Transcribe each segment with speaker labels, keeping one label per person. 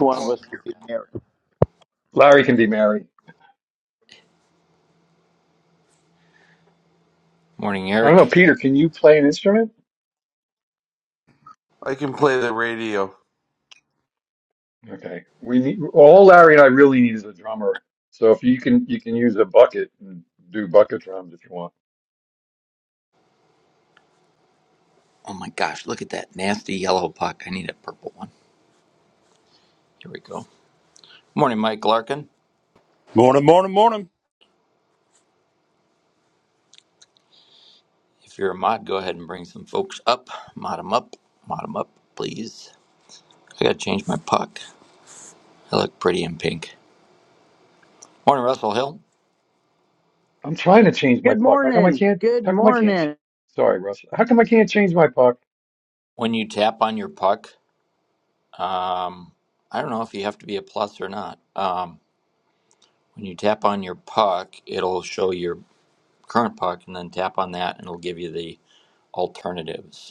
Speaker 1: one of us could be married.
Speaker 2: Larry can be Mary. I don't know, Peter, can you play an instrument?
Speaker 3: I can play the radio.
Speaker 2: Okay. We need all Larry and I really need is a drummer. So if you can you can use a bucket and do bucket drums if you want.
Speaker 4: Morning, morning, morning.
Speaker 2: I'm trying to change my
Speaker 5: Good
Speaker 2: puck. How come I
Speaker 5: morning.
Speaker 2: can't
Speaker 5: Good
Speaker 2: how come I can't ch-
Speaker 5: morning.
Speaker 2: sorry, Russ. How come I can't change my puck?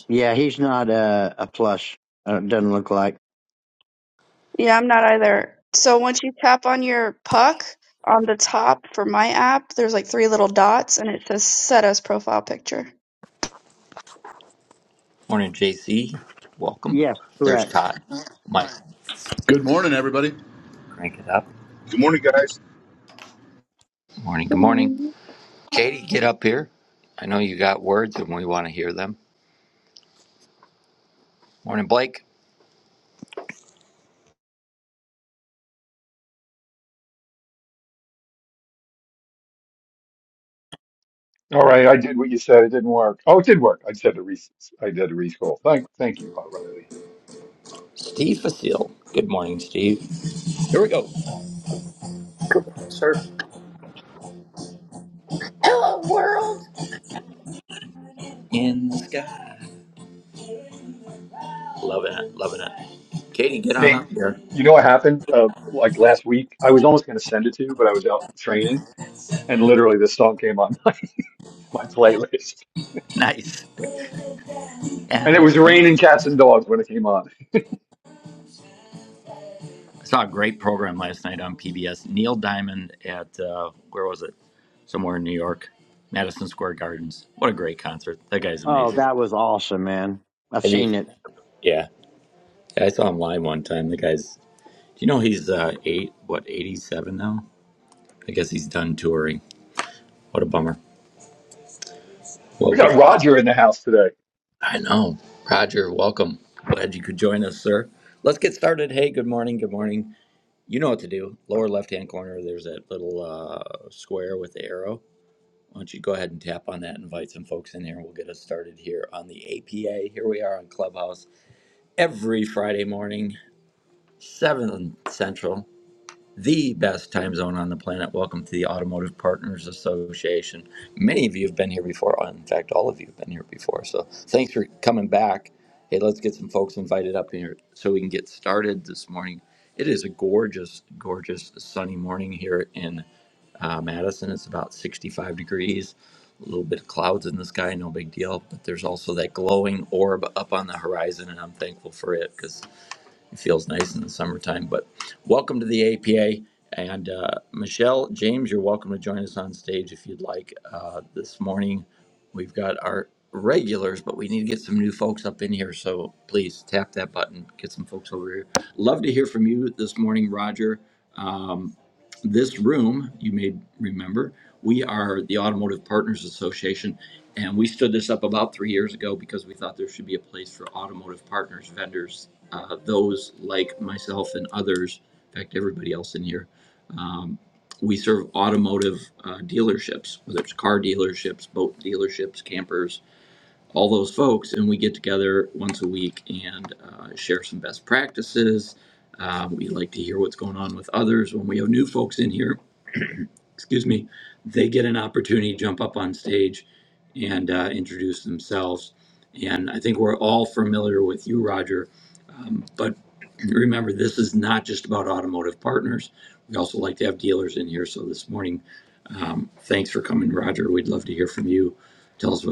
Speaker 5: Yeah, he's not a, a plus. Uh, doesn't look like.
Speaker 6: Yeah, I'm not either. So once you tap on your puck on the top for my app, there's like three little dots and it says set as profile picture.
Speaker 5: Yes, correct.
Speaker 7: Good morning, everybody.
Speaker 8: Good morning, guys.
Speaker 2: All right, I did what you said. It didn't work. Oh, it did work. I said the re I did a rescroll. Thank thank you, Riley.
Speaker 9: Sir. Hello, world.
Speaker 2: Hey, you know what happened uh like last week? I was almost gonna send it to you, but I was out training and literally this song came on my my playlist. And it was raining cats and dogs when it came on.
Speaker 5: Oh, that was awesome, man. I've seen it.
Speaker 2: We got Roger in the house today.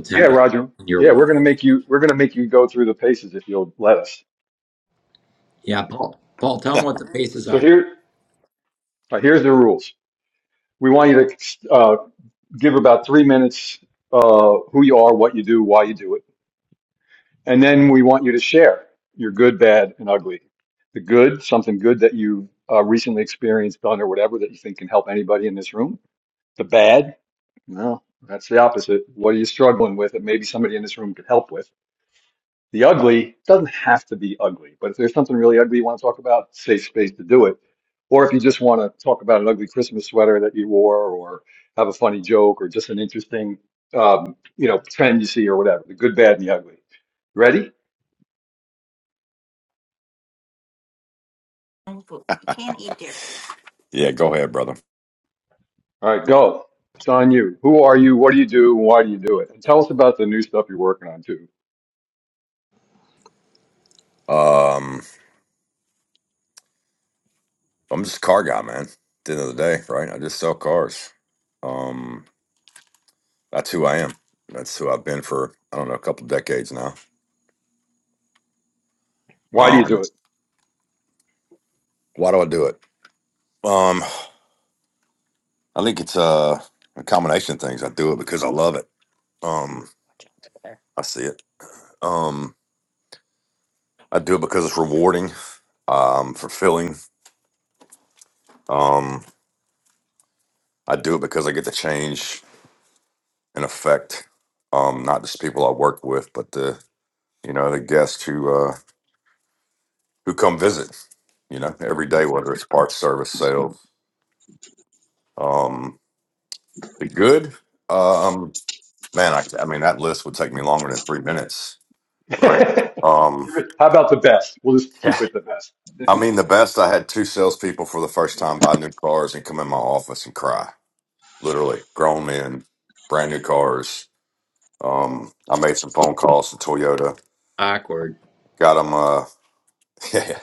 Speaker 2: Yeah, Roger. Yeah, we're gonna make you we're gonna make you go through the paces if you'll let us. So here uh, here's the rules. We want you to uh, give about three minutes uh, who you are, what you do, why you do it, and then we want you to share your good, bad, and ugly. The good, something good that you uh, recently experienced, done, or whatever that you think can help anybody in this room. The bad, no, that's the opposite. What are you struggling with that maybe somebody in this room could help with? The ugly doesn't have to be ugly, but if there's something really ugly you want to talk about, safe space to do it. Or if you just want to talk about an ugly Christmas sweater that you wore, or have a funny joke, or just an interesting, um, you know, trend you see or whatever. The good, bad, and the ugly. Ready?
Speaker 10: Yeah, go ahead, brother.
Speaker 2: All right, go. It's on you. Who are you? What do you do? and Why do you do it? And tell us about the new stuff you're working on too.
Speaker 10: Um, I'm just a car guy, man. At the end of the day, right? I just sell cars. Um, that's who I am. That's who I've been for I don't know a couple decades now.
Speaker 2: Why do you
Speaker 10: Um,
Speaker 2: do it?
Speaker 10: why do I do it? Um, I think it's a, a combination of things. I do it because I love it. Um, I see it. Um, I do it because it's rewarding, um, fulfilling. Um, I do it because I get to change and affect, um, not just people I work with, but the you know, the guests who uh, who come visit, you know, every day, whether it's parts, service, sales. Um, the good, um, man, I, I mean, that list would take me longer than three minutes, right? Um,
Speaker 2: How about the best? We'll just keep
Speaker 10: yeah.
Speaker 2: it the best.
Speaker 10: I mean, the best, I had two salespeople for the first time buy new cars and come in my office and cry, literally, grown men, brand new cars. Um, I made some phone calls to Toyota, got them, uh, yeah,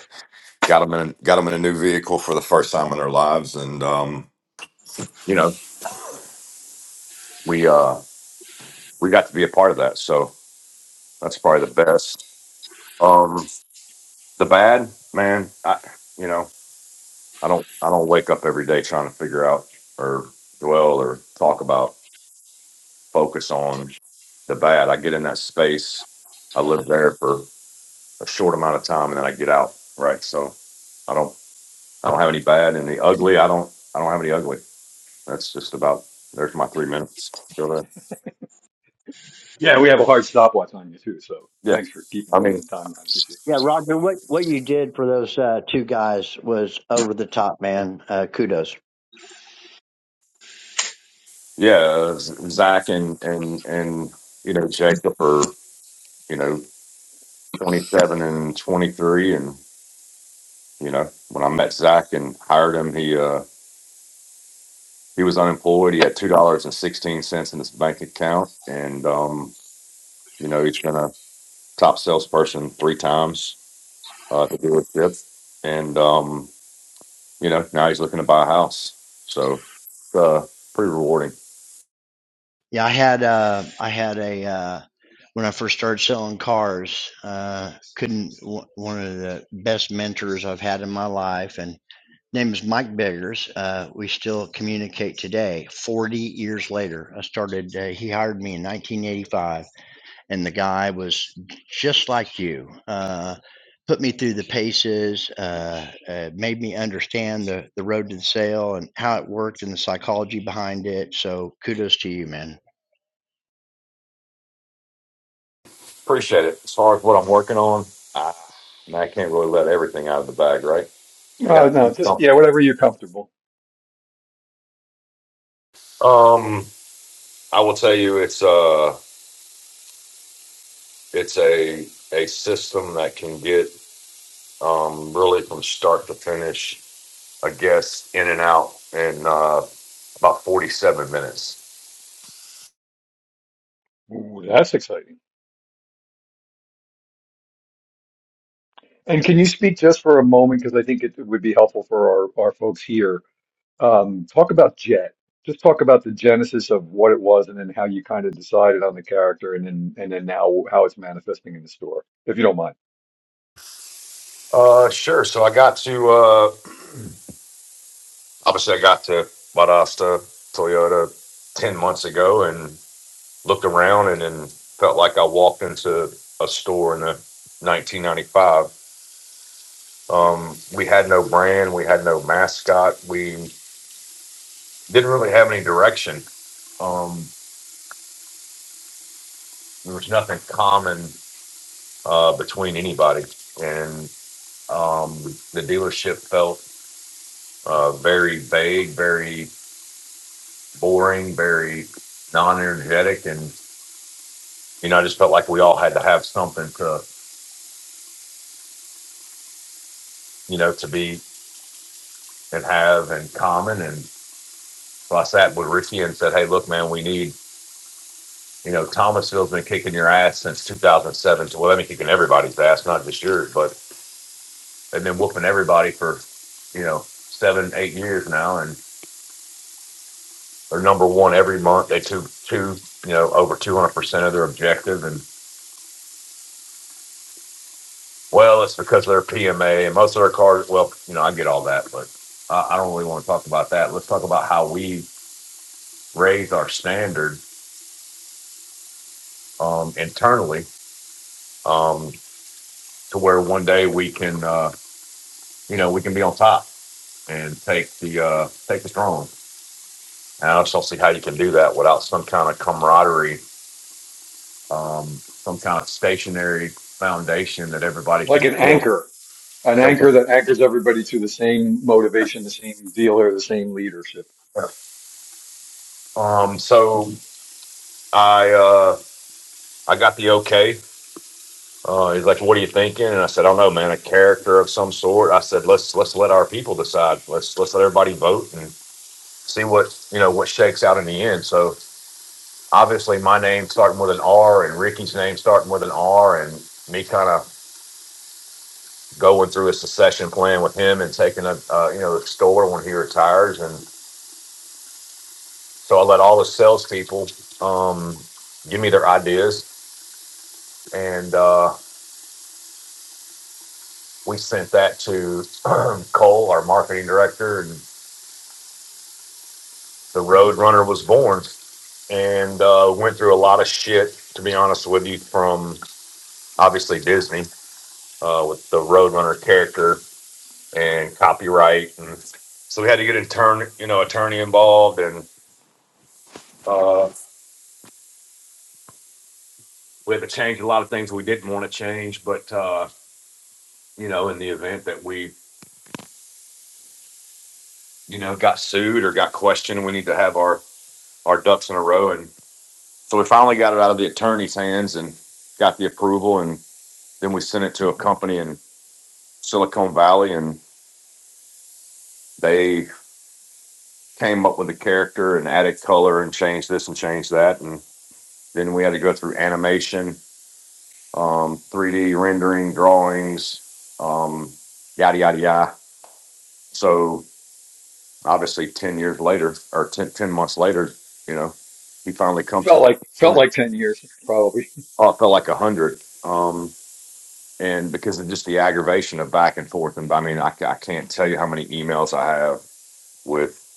Speaker 10: got them in, got them in a new vehicle for the first time in their lives. And, um, you know, we uh we got to be a part of that so that's probably the best um the bad man i you know i don't i don't wake up every day trying to figure out or dwell or talk about focus on the bad i get in that space i live there for a short amount of time and then i get out right so i don't i don't have any bad and the ugly i don't i don't have any ugly that's just about there's my three minutes so that
Speaker 2: Yeah, we have a hard stopwatch on you too, so
Speaker 10: yeah
Speaker 2: thanks for keeping
Speaker 10: i mean
Speaker 2: winning time. I appreciate it.
Speaker 5: Yeah, Roger, what, what you did for those uh, two guys was over the top, man. Uh, kudos.
Speaker 10: yeah, Z- Zach and and and you know Jacob are you know 27 and 23, and you know when I met Zach and hired him, he uh he was unemployed. He had two dollars and sixteen cents in his bank account, and um you know he's been a top salesperson three times uh, at the dealership, and um you know now he's looking to buy a house, so uh pretty rewarding.
Speaker 5: Yeah, I had uh, I had a uh, when I first started selling cars. Uh, couldn't w- one of the best mentors I've had in my life, and name is Mike Biggers. Uh, we still communicate today, 40 years later. I started, uh, he hired me in 1985, and the guy was just like you. Uh, put me through the paces, uh, uh, made me understand the, the road to the sale and how it worked and the psychology behind it. So kudos to you, man.
Speaker 10: Appreciate it. As far as what I'm working on, I, I can't really let everything out of the bag, right? I got
Speaker 2: Uh, no, just
Speaker 10: no.
Speaker 2: yeah, whatever you're comfortable.
Speaker 10: um I will tell you it's a it's a a system that can get um really from start to finish a guest in and out in uh about 47 minutes.
Speaker 2: Ooh, that's exciting. And can you speak just for a moment, because I think it would be helpful for our, our folks here. Um, talk about Jet. Just talk about the genesis of what it was, and then how you kind of decided on the character, and then and then now how it's manifesting in the store, if you don't mind.
Speaker 10: Uh sure. So I got to uh obviously I got to Vadasta Toyota 10 months ago and looked around and then felt like I walked into a store in the 1995 um, we had no brand, we had no mascot. We didn't really have any direction. Um, there was nothing common uh, between anybody, and um, the dealership felt uh, very vague, very boring, very non-energetic, and you know, I just felt like we all had to have something to, you know, to be and have in common. And so I sat with Ricky and said, "Hey, look, man, we need." You know, Thomasville's been kicking your ass since 2007. So, well, they've been kicking everybody's ass, not just yours. but." They've been whooping everybody for, you know, seven, eight years now, and they're number one every month. They two, two, you know, over two hundred percent of their objective, and well, it's because of their PMA and most of their cars. Well, you know, I get all that, but I, I don't really want to talk about that. Let's talk about how we raise our standard um, internally um, to where one day we can, uh, you know, we can be on top and take the uh, take the throne. And I just don't see how you can do that without some kind of camaraderie um, some kind of stationary foundation that everybody
Speaker 2: Like
Speaker 10: could
Speaker 2: an
Speaker 10: build.
Speaker 2: anchor, an anchor that anchors everybody to the same motivation, the same dealer, the same leadership.
Speaker 10: Um, so I uh, I got the okay. Uh, he's like, "What are you thinking?" And I said, "I don't know, man. A character of some sort." I said, "Let's let's let our people decide. Let's let's let everybody vote and see what you know what shakes out in the end." So obviously, my name starting with an R and Ricky's name starting with an R, and me kind of going through a succession plan with him and taking a uh, you know the store when he retires and. So I let all the salespeople um, give me their ideas, and uh, we sent that to Cole, our marketing director, and the Road Runner was born. And uh, went through a lot of shit, to be honest with you, from obviously Disney uh, with the Road Runner character and copyright, and so we had to get an attorney, you know, attorney involved, and uh, we had to change a lot of things we didn't want to change, but uh, you know, in the event that we you know, got sued or got questioned. We need to have our our ducks in a row, and so we finally got it out of the attorney's hands and got the approval, and then we sent it to a company in Silicon Valley, and they came up with a character and added color and changed this and changed that, and then we had to go through animation, um, 3D rendering, drawings, um, yada yada yada. So obviously, ten years later, or 10 10 months later, you know, he finally comes
Speaker 2: Felt like felt
Speaker 10: to.
Speaker 2: like ten years,
Speaker 10: Oh, it felt like a hundred. Um, and because of just the aggravation of back and forth, and I mean, I, ca- I can't tell you how many emails I have with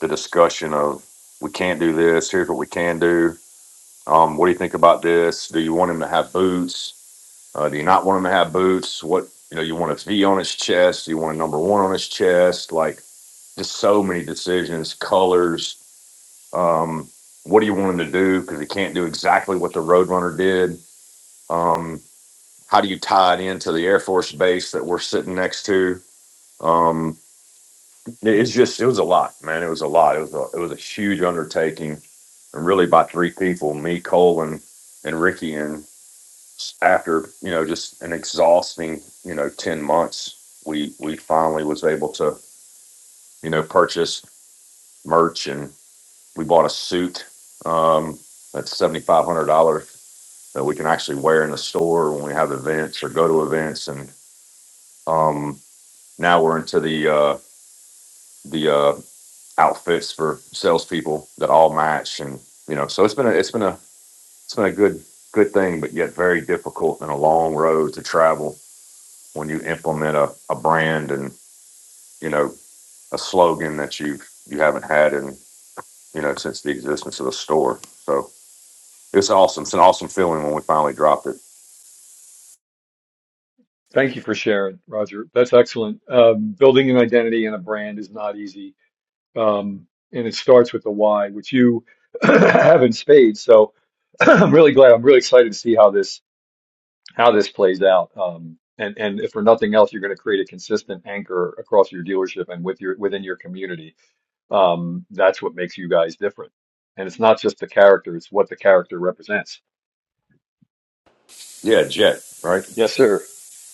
Speaker 10: the discussion of we can't do this. Here's what we can do. Um, what do you think about this? Do you want him to have boots? Uh, do you not want him to have boots? What you know, you want a V on his chest? You want a number one on his chest? Like just so many decisions, colors. Um, what do you want him to do? Because he can't do exactly what the Roadrunner did. Um, how do you tie it into the Air Force base that we're sitting next to? Um, it- it's just it was a lot, man. It was a lot. It was a it was a huge undertaking, and really by three people, me, Cole, and and Ricky, and s- after you know just an exhausting you know ten months, we we finally was able to you know purchase merch and we bought a suit um, that's seventy five hundred dollars that we can actually wear in the store when we have events or go to events and. Um, Now we're into the uh, the uh, outfits for salespeople that all match, and you know, so it's been a it's been a it's been a good good thing, but yet very difficult and a long road to travel when you implement a, a brand and you know a slogan that you you haven't had in you know since the existence of the store. So it's awesome. It's an awesome feeling when we finally dropped it.
Speaker 2: Thank you for sharing, Roger. That's excellent. Um, building an identity and a brand is not easy. Um, and it starts with the why, which you have in spades. So I'm really glad. I'm really excited to see how this how this plays out. Um, and and if for nothing else, you're going to create a consistent anchor across your dealership and with your within your community. Um, that's what makes you guys different. And it's not just the character; it's what the character represents.
Speaker 10: Yeah, Jet, right?
Speaker 2: Yes, sir.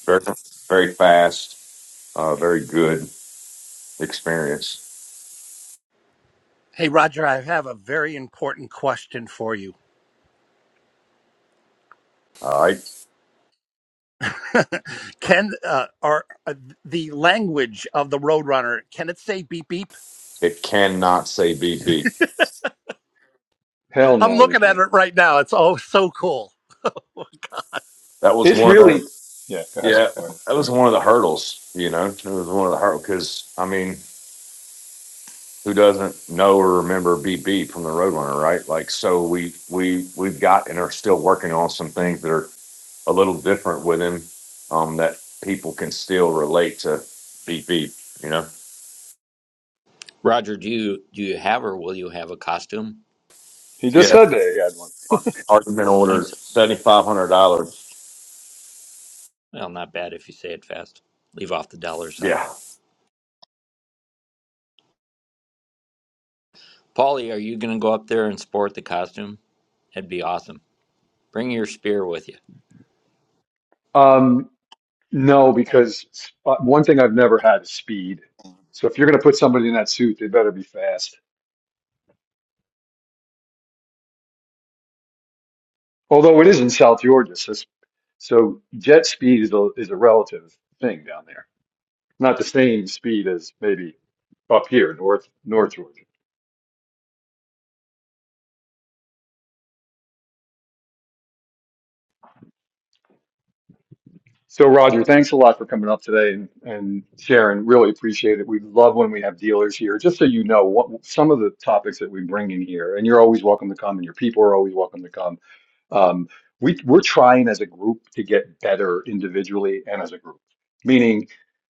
Speaker 10: Very very fast, uh, very good experience.
Speaker 4: Hey, Roger, I have a very important question for you.
Speaker 10: All right.
Speaker 4: can uh, are uh, the language of the Roadrunner? Can it say beep beep?
Speaker 10: It cannot say BB.
Speaker 2: Hell
Speaker 4: I'm
Speaker 2: no, you
Speaker 4: looking at
Speaker 2: can't.
Speaker 4: it right now. It's oh so cool.
Speaker 10: that was
Speaker 2: It's
Speaker 10: one of
Speaker 2: really
Speaker 10: the
Speaker 2: yeah. Go ahead.
Speaker 10: yeah
Speaker 2: Sorry.
Speaker 10: that was one of the hurdles you know it was one of the hurdles because i mean who doesn't know or remember beep beep from the roadrunner right like so we we we've got and are still working on some things that are a little different with him um that people can still relate to beep beep you know
Speaker 2: He just
Speaker 10: yeah
Speaker 2: said that he had one.
Speaker 10: argument order $7500 yeah
Speaker 2: Um, no, because uh, one thing I've never had is speed. So if you're going to put somebody in that suit, they better be fast. Although it is in South Georgia, so, so jet speed is a, is a relative thing down there. Not the same speed as maybe up here, north North Georgia. So Roger, thanks a lot for coming up today and, and sharing. Really appreciate it. We love when we have dealers here. Just so you know, what, some of the topics that we bring in here, and you're always welcome to come, and your people are always welcome to come Um, we, we're trying as a group to get better individually and as a group, meaning,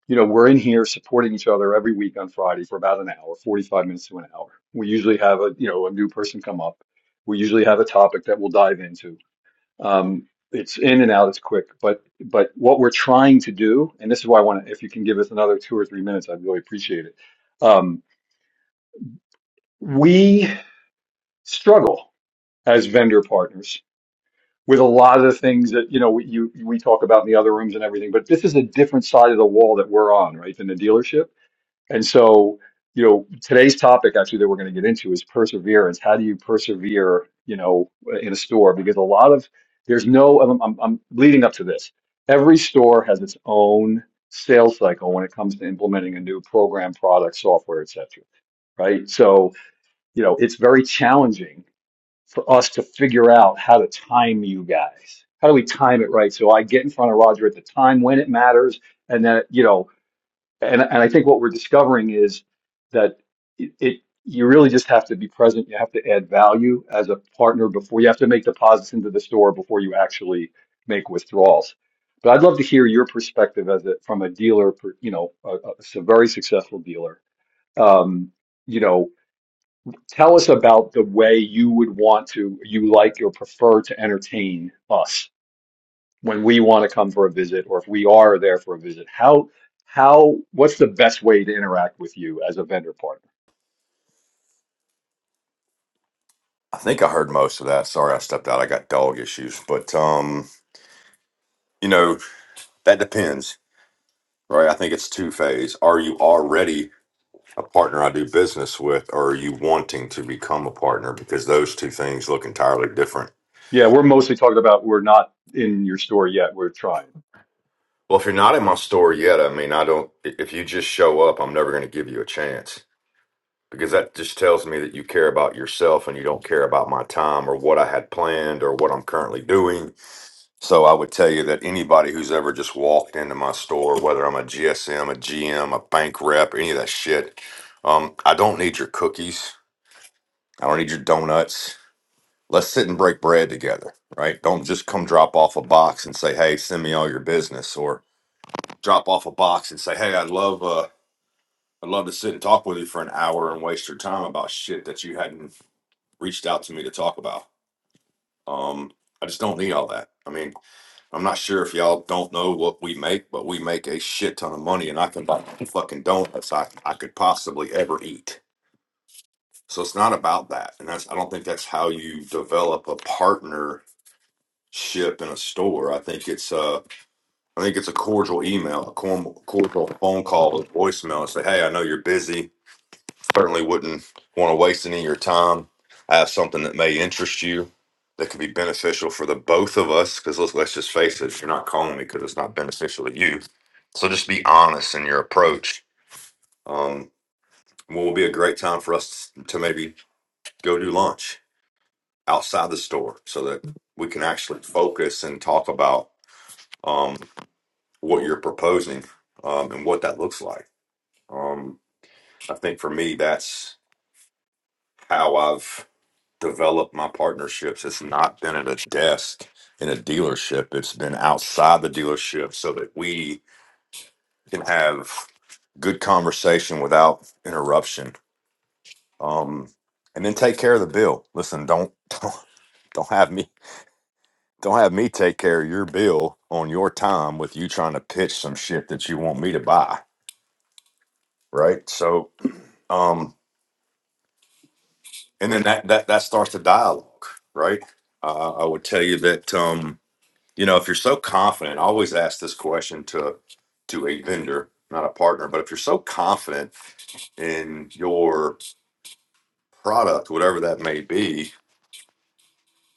Speaker 2: you know, we're in here supporting each other every week on Friday for about an hour, 45 minutes to an hour. We usually have a, you know, a new person come up. We usually have a topic that we'll dive into. Um, it's in and out, it's quick, but, but what we're trying to do, and this is why I want to, if you can give us another two or three minutes, I'd really appreciate it. Um, we struggle as vendor partners with a lot of the things that you know we, you we talk about in the other rooms and everything. But this is a different side of the wall that we're on, right, than the dealership. And so, you know, today's topic actually that we're going to get into is perseverance. How do you persevere, you know, in a store? Because a lot of there's no. I'm, I'm, I'm leading up to this. Every store has its own sales cycle when it comes to implementing a new program, product, software, etc. Right. So, you know, it's very challenging for us to figure out how to time you guys. How do we time it right so I get in front of Roger at the time when it matters, and that you know, and and I think what we're discovering is that it, it you really just have to be present. You have to add value as a partner before you have to make deposits into the store before you actually make withdrawals. But I'd love to hear your perspective as a from a dealer, per, you know, a, a a very successful dealer. Um, you know. Tell us about the way you would want to, you like or prefer to entertain us when we want to come for a visit, or if we are there for a visit. How, how, what's the best way to interact with you as a vendor partner?
Speaker 10: I think I heard most of that. Sorry, I stepped out. I got dog issues, but um, you know that depends. right? I think it's two phase. Are you already a partner I do business with, or are you wanting to become a partner? Because those two things look entirely different.
Speaker 2: Yeah, we're mostly talking about we're not in your store yet. We're trying.
Speaker 10: Well, if you're not in my store yet, I mean, I don't, i- if you just show up, I'm never going to give you a chance because that just tells me that you care about yourself and you don't care about my time or what I had planned or what I'm currently doing. So I would tell you that anybody who's ever just walked into my store, whether I'm a GSM, a GM, a bank rep, any of that shit, um, I don't need your cookies. I don't need your donuts. Let's sit and break bread together, right? Don't just come drop off a box and say, "Hey, send me all your business," or drop off a box and say, "Hey, I'd love uh, I'd love to sit and talk with you for an hour and waste your time about shit that you hadn't reached out to me to talk about." Um, I just don't need all that. I mean, I'm not sure if y'all don't know what we make, but we make a shit ton of money, and I can buy fucking donuts I, I could possibly ever eat. So it's not about that, and that's I don't think that's how you develop a partner ship in a store. I think it's uh, I think it's a cordial email, a corm- cordial phone call, a voicemail. and Say, hey, I know you're busy. Certainly wouldn't want to waste any of your time. I have something that may interest you that could be beneficial for the both of us. Because let's let's just face it, you're not calling me because it's not beneficial to you. So just be honest in your approach. Um, what will be a great time for us to maybe go do lunch outside the store so that we can actually focus and talk about. um. what you're proposing um, and what that looks like. Um, I think for me, that's how I've developed my partnerships. It's not been at a desk in a dealership, it's been outside the dealership so that we can have good conversation without interruption. Um, and then take care of the bill. Listen, don't, don't don't have me don't have me take care of your bill on your time with you trying to pitch some shit that you want me to buy. Right. So um and then that that that starts the dialogue right uh, i would tell you that um you know if you're so confident i always ask this question to to a vendor not a partner but if you're so confident in your product whatever that may be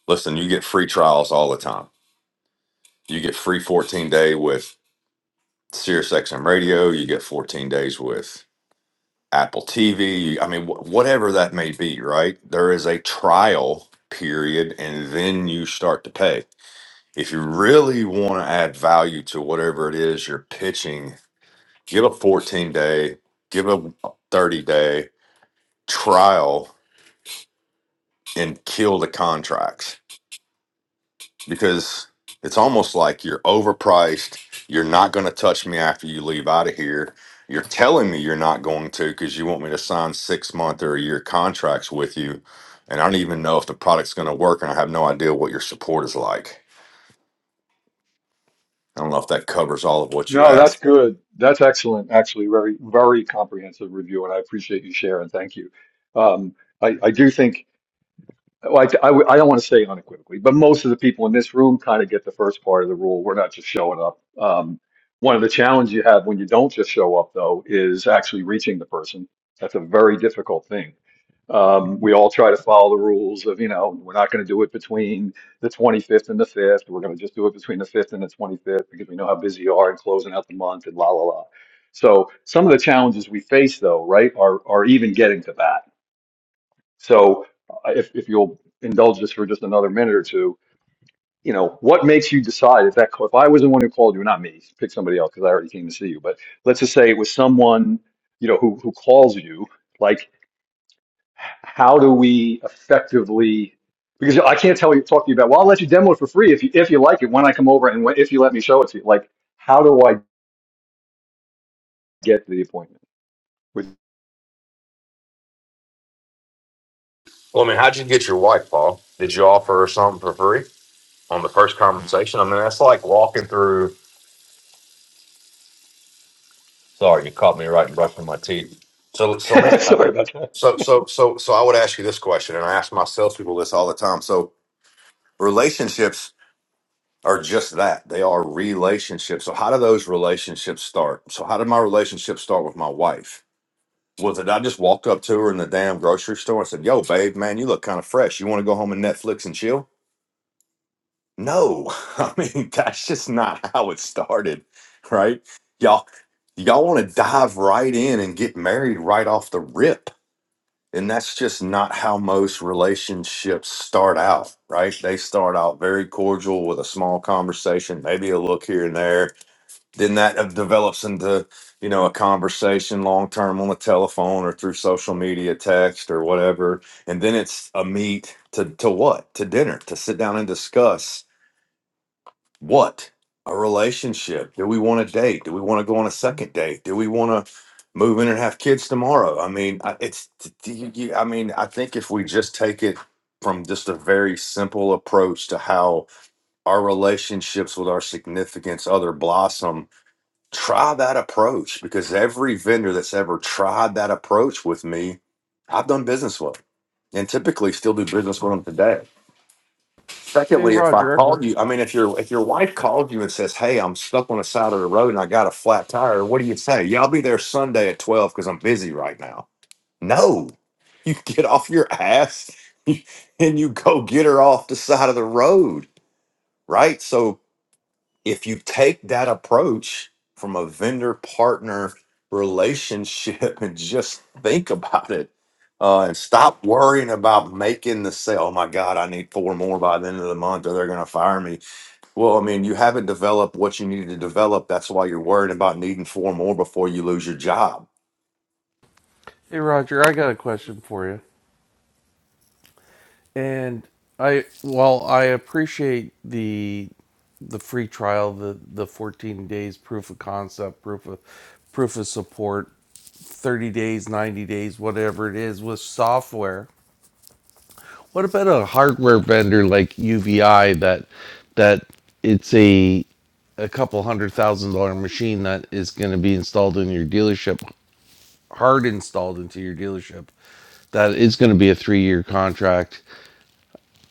Speaker 10: listen you get free trials all the time you get free 14 day with Sirius XM radio you get 14 days with Apple TV I mean wh- whatever that may be right there is a trial period and then you start to pay If you really want to add value to whatever it is you're pitching, give a 14 day, give a 30 day trial and kill the contracts because it's almost like you're overpriced. You're not going to touch me after you leave out of here. You're telling me you're not going to because you want me to sign six month or a year contracts with you. And I don't even know if the product's going to work, and I have no idea what your support is like. I don't know if that covers all of what you
Speaker 2: No, that's good. That's excellent. Actually, very, very comprehensive review, and I appreciate you sharing. Thank you. Um, I, I do think Well, I, I, I don't want to say unequivocally, but most of the people in this room kind of get the first part of the rule. We're not just showing up. Um, one of the challenges you have when you don't just show up, though, is actually reaching the person. That's a very difficult thing. Um, we all try to follow the rules of, you know, we're not going to do it between the 25th and the 5th. We're going to just do it between the 5th and the 25th because we know how busy you are and closing out the month and la, la, la. So some of the challenges we face, though, right, are, are even getting to that so, uh, if if you'll indulge us for just another minute or two, you know, what makes you decide if that if I was the one who called you, not me, pick somebody else because I already came to see you, but let's just say it was someone you know who who calls you, like how do we effectively because I can't tell you talk to you about well I'll let you demo it for free if you if you like it when I come over and when, if you let me show it to you like how do I get the appointment? With-
Speaker 10: Well, I mean, how'd you get your wife, Paul? Did you offer her something for free on the first conversation? I mean, that's like walking through. Sorry, you caught me right in brushing my teeth. So, so man, I-
Speaker 2: Sorry about that.
Speaker 10: So, so, so, so I would ask you this question, and I ask my salespeople this all the time. So, relationships are just that. They are relationships. So, how do those relationships start? So, how did my relationship start with my wife? Was it I just walked up to her in the damn grocery store and said, Yo, babe, man, you look kind of fresh. You want to go home and Netflix and chill? No, I mean that's just not how it started, right? Y'all, y'all want to dive right in and get married right off the rip, and that's just not how most relationships start out, right? They start out very cordial with a small conversation, maybe a look here and there. Then that uh, develops into, you know, a conversation long term on the telephone or through social media, text or whatever, and then it's a meet to to what? To dinner, to sit down and discuss what a relationship do we want to date do we want to go on a second date do we want to move in and have kids tomorrow i mean I- it's t- t- you, you, i mean i think if we just take it from just a very simple approach to how our relationships with our significance other blossom try that approach because every vendor that's ever tried that approach with me i've done business with and typically still do business with them today
Speaker 3: Hey
Speaker 10: Secondly, if I
Speaker 3: Roger,
Speaker 10: called you, I mean, if your if your wife calls you and says, "Hey, I'm stuck on the side of the road and I got a flat tire," what do you say? Yeah, I'll be there Sunday at twelve because I'm busy right now. No, you get off your ass and you go get her off the side of the road, right? So if you take that approach from a vendor partner relationship and just think about it uh, and stop worrying about making the sale. Oh my God, I need four more by the end of the month or they're going to fire me. Well, I mean, you haven't developed what you needed to develop. That's why you're worried about needing four more before you lose your job.
Speaker 3: hey Roger, I got a question for you. And I while I appreciate the the free trial, the the 14 days proof of concept, proof of proof of support, 30 days, 90 days, whatever it is with software. What about a hardware vendor like UVI that that it's a a couple hundred thousand dollar machine that is going to be installed in your dealership, hard installed into your dealership, that it's going to be a three-year contract.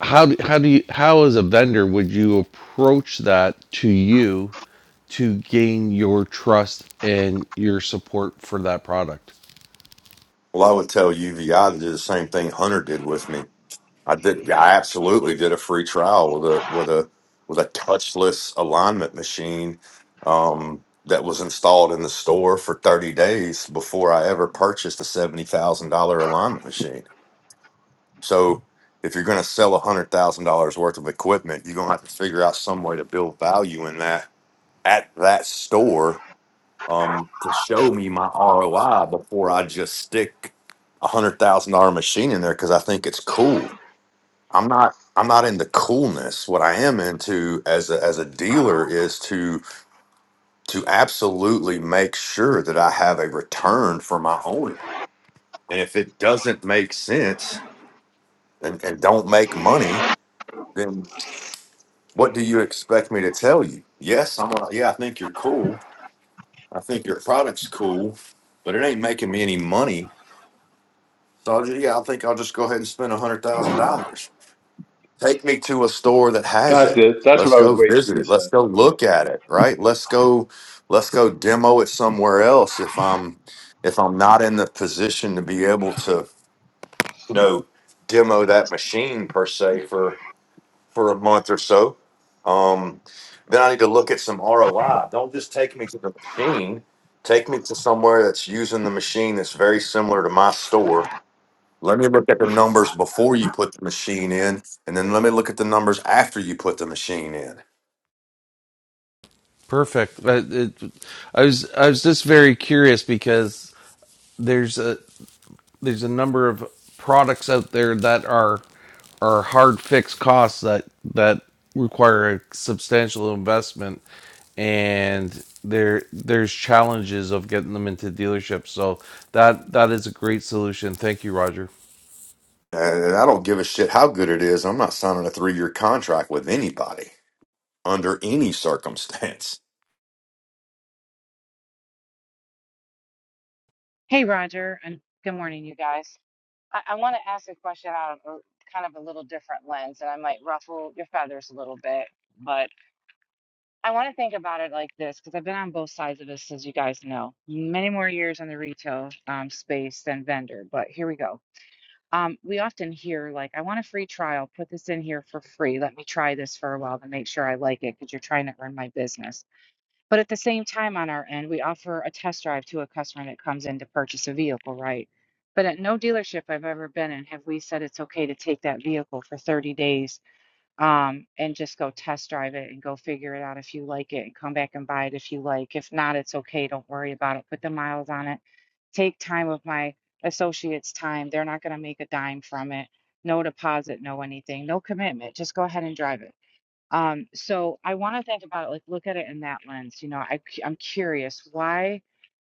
Speaker 3: How do, how do you how as a vendor would you approach that to you to gain your trust and your support for that product?
Speaker 10: Well, I would tell UVI to do the same thing Hunter did with me I did. yeah, I absolutely did a free trial with a with a with a touchless alignment machine um, that was installed in the store for 30 days before I ever purchased a seventy thousand dollar alignment machine. So if you're going to sell a hundred thousand dollars worth of equipment, you're going to have to figure out some way to build value in that at that store um, to show me my ROI before I just stick a hundred thousand dollar machine in there because I think it's cool I'm not I'm not into coolness. What I am into as a as a dealer is to to absolutely make sure that I have a return for my owner. And if it doesn't make sense and, and don't make money, then what do you expect me to tell you? Yes, I'm a, yeah, I think you're cool. I think your product's cool, but it ain't making me any money. So yeah, I think I'll just go ahead and spend a hundred thousand dollars. Take me to a store that has
Speaker 2: That's
Speaker 10: it.
Speaker 2: it. That's
Speaker 10: Let's
Speaker 2: what I was
Speaker 10: go
Speaker 2: waiting for you
Speaker 10: visit
Speaker 2: to
Speaker 10: it. Let's
Speaker 2: say.
Speaker 10: go
Speaker 2: Yeah.
Speaker 10: look at it, right? Let's go let's go demo it somewhere else if I'm if I'm not in the position to be able to, you know, demo that machine per se for for a month or so. Um then I need to look at some ROI. Don't just take me to the machine. Take me to somewhere that's using the machine that's very similar to my store let me look at the numbers before you put the machine in, and then let me look at the numbers after you put the machine in.
Speaker 3: Perfect. That- it- I was I was just very curious because there's a there's a number of products out there that are are hard fixed costs that that require a substantial investment and there there's challenges of getting them into dealerships so that that is a great solution thank you roger
Speaker 10: And I don't give a shit how good it is. I'm not signing a three year contract with anybody under any circumstance.
Speaker 11: Hey, Roger, and good morning, you guys. I, I want to ask a question out of a, kind of a little different lens, and I might ruffle your feathers a little bit, but I want to think about it like this because I've been on both sides of this, as you guys know, many more years in the retail um, space than vendor, but here we go. Um, we often hear, like, I want a free trial, put this in here for free. Let me try this for a while to make sure I like it because you're trying to earn my business. But at the same time, on our end, we offer a test drive to a customer that comes in to purchase a vehicle, right? But at no dealership I've ever been in have we said it's okay to take that vehicle for 30 days um, and just go test drive it and go figure it out if you like it and come back and buy it if you like. If not, it's okay. Don't worry about it. Put the miles on it. Take time of my associates' time. They're not going to make a dime from it. No deposit, no anything, no commitment. Just go ahead and drive it. Um, so I want to think about like look at it in that lens. You know, I cu- I'm curious why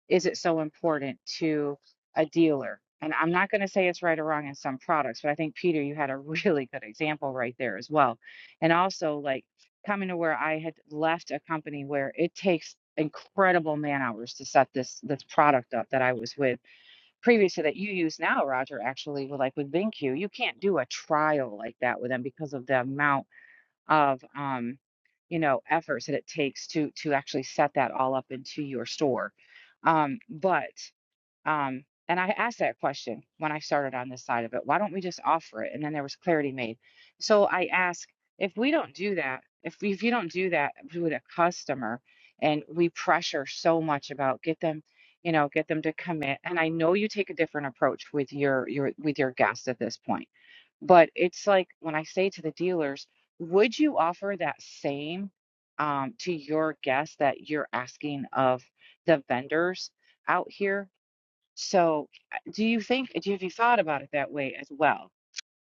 Speaker 11: is it so important to a dealer? And I'm not going to say it's right or wrong in some products, but I think Peter, you had a really good example right there as well. And also like coming to where I had left a company where it takes incredible man hours to set this this product up that I was with previously that you use now, Roger, actually with like with BenQ, you can't do a trial like that with them because of the amount of um, you know efforts that it takes to to actually set that all up into your store um, but um, and i asked that question when i started on this side of it why don't we just offer it and then there was clarity made so i ask if we don't do that if, we, if you don't do that with a customer and we pressure so much about get them you know get them to commit and i know you take a different approach with your your with your guests at this point but it's like when I say to the dealers, would you offer that same um, to your guests that you're asking of the vendors out here? So uh, do you think, do you, have you thought about it that way as well?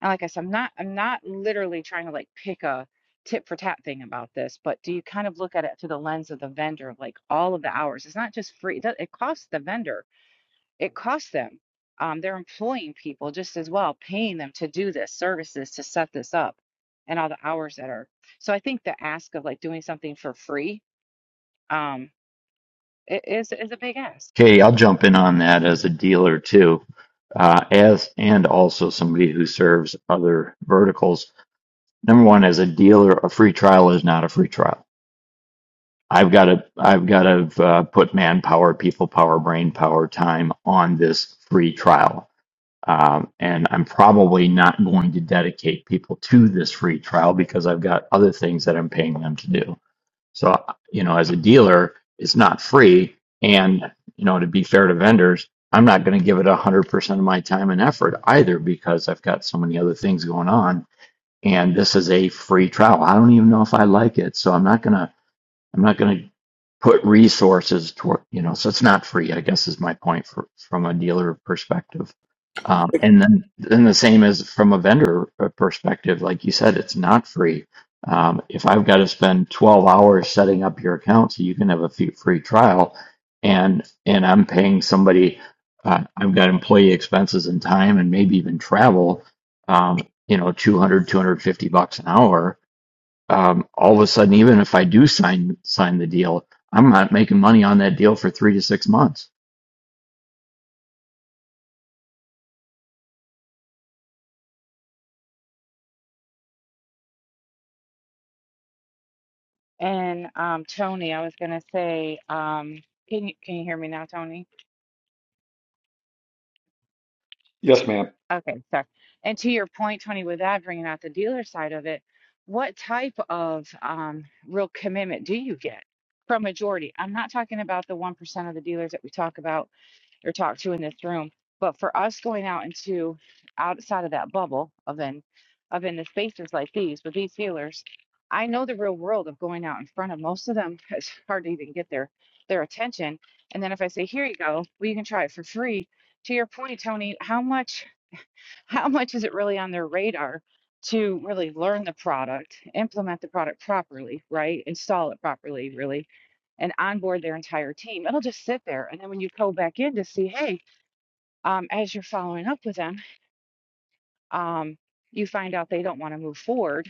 Speaker 11: And like I said, I'm not, I'm not literally trying to like pick a tit for tat thing about this, but do you kind of look at it through the lens of the vendor, like all of the hours? It's not just free, it does- it costs the vendor it costs them. Um, they're employing people just as well, paying them to do this, services to set this up, and all the hours that are. So I think the ask of like doing something for free um, i- is is a big ask.
Speaker 12: Okay, I'll jump in on that as a dealer too, uh, as and also somebody who serves other verticals. Number one, as a dealer, a free trial is not a free trial. I've got to, I've got to uh, put manpower, people power, brain power, time on this free trial, um, and I'm probably not going to dedicate people to this free trial because I've got other things that I'm paying them to do. So, you know, as a dealer, it's not free. And, you know, to be fair to vendors, I'm not going to give it 100% of my time and effort either because I've got so many other things going on. And this is a free trial. I don't even know if I like it. So I'm not going to I'm not going to put resources toward, you know, so it's not free, I guess is my point for, from a dealer perspective. Um, and then, then the same as from a vendor uh, perspective, like you said, it's not free. Um, if I've got to spend 12 hours setting up your account so you can have a fee- free trial and, and I'm paying somebody, uh, I've got employee expenses and time and maybe even travel, um, you know, 200, 250 bucks an hour um, all of a sudden, even if I do sign sign the deal, I'm not making money on that deal for three to six months.
Speaker 11: And um, Tony, I was gonna say, um, can you can you hear me now, Tony?
Speaker 2: Yes, ma'am.
Speaker 11: Okay, sorry. And to your point, Tony, with that bringing out the dealer side of it, what type of um, real commitment do you get from majority? I'm not talking about the one percent of the dealers that we talk about or talked to in this room. But for us going out into outside of that bubble of in of in the spaces like these with these healers, I know the real world of going out in front of most of them. It's hard to even get their their attention. And then if I say, here you go, well you can try it for free. To your point, Tony, how much how much is it really on their radar to really learn the product, implement the product properly, right? Install it properly, really, and onboard their entire team. It'll just sit there. And then when you go back in to see, hey, um, as you're following up with them, um, you find out they don't want to move forward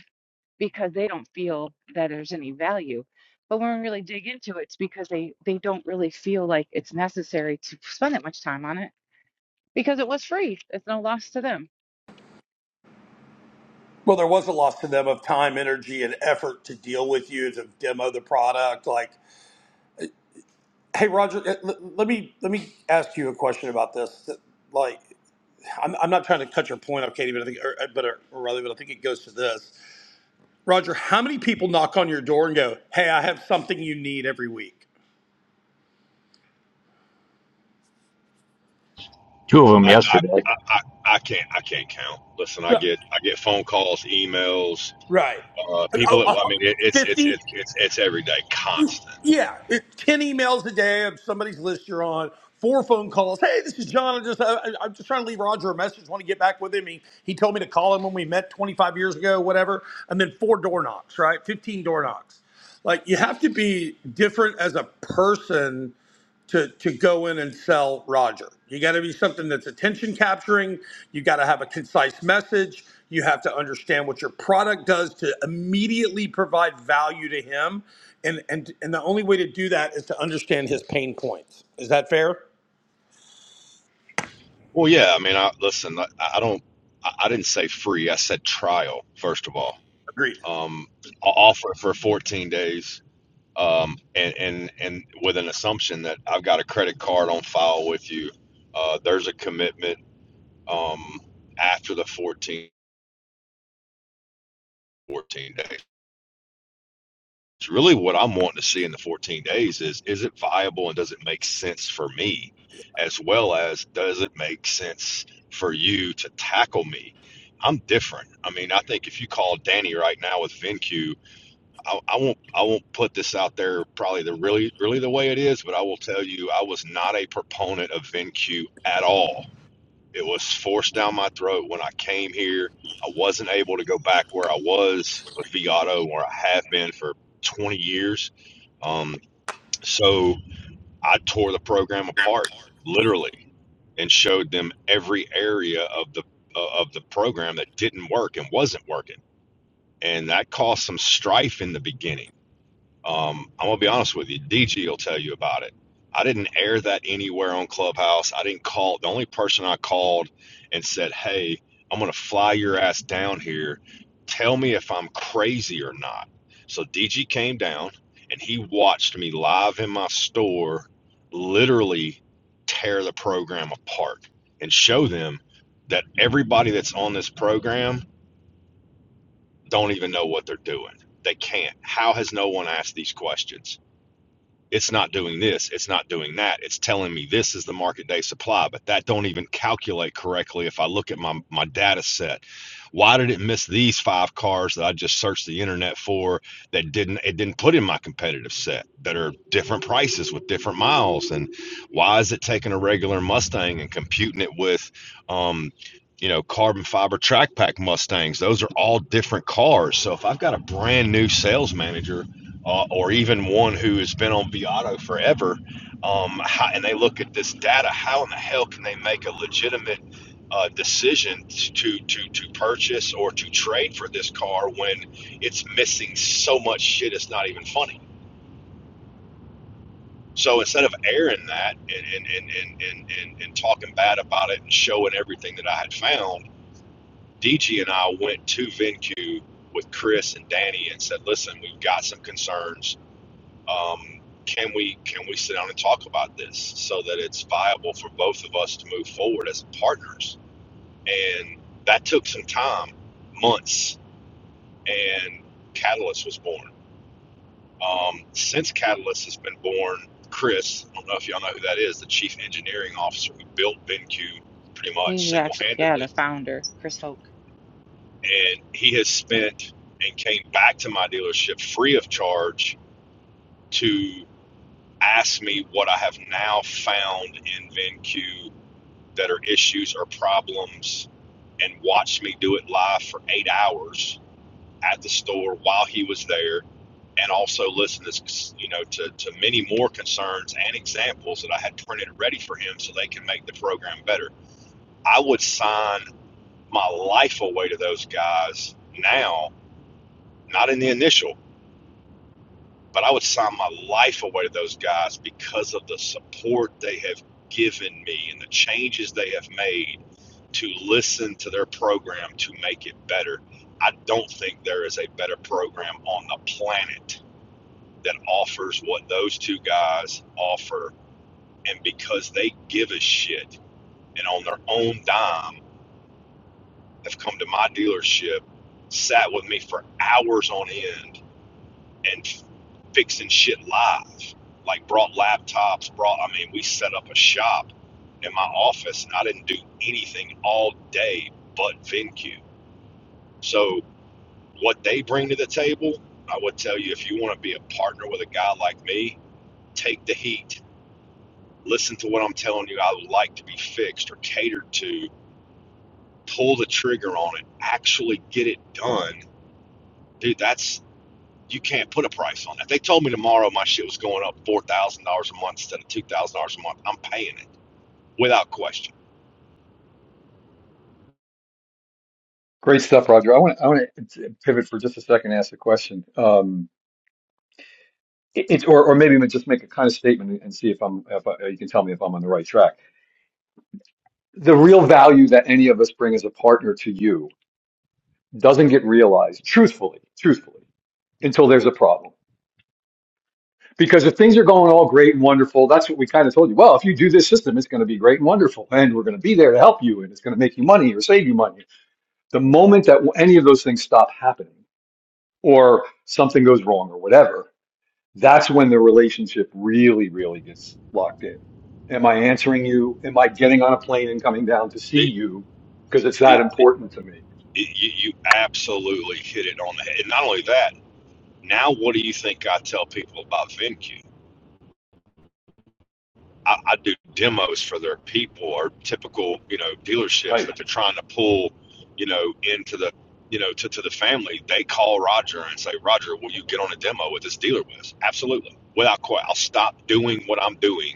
Speaker 11: because they don't feel that there's any value. But when we really dig into it, it's because they they don't really feel like it's necessary to spend that much time on it because it was free. It's no loss to them.
Speaker 9: Well, there was a loss to them of time, energy, and effort to deal with you to demo the product. Like, hey, Roger, eh, l- let me let me ask you a question about this. That, Like, I'm, I'm not trying to cut your point off, Katie, but I think, or, but or rather, but I think it goes to this. Roger, how many people knock on your door and go, "Hey, I have something you need every week"?
Speaker 12: Two of them
Speaker 10: I, I,
Speaker 12: yesterday.
Speaker 10: I, I I can't I can't count. Listen, I
Speaker 9: Yeah,
Speaker 10: get I get phone calls, emails,
Speaker 9: Right.
Speaker 10: uh, people
Speaker 9: Oh,
Speaker 10: that well, I
Speaker 9: oh,
Speaker 10: mean it, it's it's
Speaker 9: 50?
Speaker 10: it's it's it's every day, constant.
Speaker 9: Yeah, it, ten emails a day of somebody's list you're on, four phone calls. Hey, this is John. I am just I, I- I'm just trying to leave Roger a message. Want to get back with him? He he told me to call him when we met 25 years ago, whatever. And then four door knocks, right? 15 door knocks. Like you have to be different as a person to to go in and sell Roger. You got to be something that's attention capturing. You got to have a concise message. You have to understand what your product does to immediately provide value to him. And and and the only way to do that is to understand his pain points. Is that fair?
Speaker 10: Well, yeah, I mean, I listen. I, I don't. I, I didn't say free. I said trial. First of all.
Speaker 9: Agreed.
Speaker 10: um, off for, for 14 days um, and, and, and with an assumption that I've got a credit card on file with you. Uh, there's a commitment um, after the 14, 14 days. It's really what I'm wanting to see in the 14 days is, is it viable and does it make sense for me? As well as does it make sense for you to tackle me? I'm different. I mean, I think if you call Danny right now with VenQ I, I won't I won't put this out there probably the really really the way it is, but I will tell you I was not a proponent of VenQ at all. It was forced down my throat when I came here. I wasn't able to go back where I was with V Auto, where I have been for 20 years. Um, so I tore the program apart, literally, and showed them every area of the uh, of the program that didn't work and wasn't working, and that caused some strife in the beginning um, I'm gonna be honest with you. DG will tell you about it. I didn't air that anywhere on Clubhouse. I didn't call. The only person I called and said, "Hey, I'm gonna fly your ass down here. Tell me if I'm crazy or not." So DG came down and he watched me live in my store, literally tear the program apart and show them that everybody that's on this program don't even know what they're doing. They can't. How has no one asked these questions? it's not doing this it's not doing that it's telling me this is the market day supply but that don't even calculate correctly if i look at my my data set why did it miss these five cars that i just searched the internet for that didn't it didn't put in my competitive set that are different prices with different miles and why is it taking a regular mustang and computing it with um you know carbon fiber track pack mustangs those are all different cars so if i've got a brand new sales manager uh, or even one who has been on Viato forever, um, how, and they look at this data, how in the hell can they make a legitimate uh, decision to, to to purchase or to trade for this car when it's missing so much shit? It's not even funny. So instead of airing that and and, and, and, and, and and talking bad about it and showing everything that I had found, DG and I went to VenQ with Chris and Danny and said, "Listen, we've got some concerns um, can we can we sit down and talk about this so that it's viable for both of us to move forward as partners and that took some time months and catalyst was born um, since catalyst has been born chris i don't know if y'all know who that is the chief engineering officer who built benq pretty much
Speaker 11: He's actually yeah the
Speaker 10: single-handedly
Speaker 11: founder, Chris Hoke.
Speaker 10: and he has spent and came back to my dealership free of charge to Ask me what I have now found in VenQ that are issues or problems and watch me do it live for eight hours at the store while he was there and also listen to you know to, to many more concerns and examples that I had printed ready for him so they can make the program better. I would sign my life away to those guys now, not in the initial, but I would sign my life away to those guys because of the support they have given me and the changes they have made to listen to their program to make it better. I don't think there is a better program on the planet that offers what those two guys offer. And because they give a shit and on their own dime have come to my dealership, sat with me for hours on end and fixing shit live. Like brought laptops, brought I mean, we set up a shop in my office and I didn't do anything all day but VenQ. So what they bring to the table, I would tell you if you want to be a partner with a guy like me, take the heat. Listen to what I'm telling you I would like to be fixed or catered to, pull the trigger on it, actually get it done. Dude, that's you can't put a price on that. They told me tomorrow my shit was going up four thousand dollars a month instead of two thousand dollars a month. I'm paying it without question.
Speaker 2: Great stuff, Roger. I want to I want to pivot for just a second and ask a question. Um, it, it- or or maybe just make a kind of statement and see if I'm if I, you can tell me if I'm on the right track. The real value that any of us bring as a partner to you doesn't get realized, truthfully, truthfully, until there's a problem. Because if things are going all great and wonderful, that's what we kind of told you. Well, if you do this system, it's going to be great and wonderful, and we're going to be there to help you, and it's going to make you money or save you money. The moment that any of those things stop happening, or something goes wrong, or whatever that's when the relationship really, really gets locked in. Am I answering you? Am I getting on a plane and coming down to see
Speaker 10: It,
Speaker 2: you? Because it's that
Speaker 10: it, it, it-
Speaker 2: important to me,
Speaker 10: you, you absolutely hit it on the head. And not only that, now what do you think I tell people about VenQ? I, I do demos for their people or typical, you know, dealerships
Speaker 2: right?
Speaker 10: that they're trying to pull, you know, into the, you know, to, to the family. They call Roger and say, Roger, will you get on a demo with this dealer with us? Absolutely. Without question, I'll stop doing what I'm doing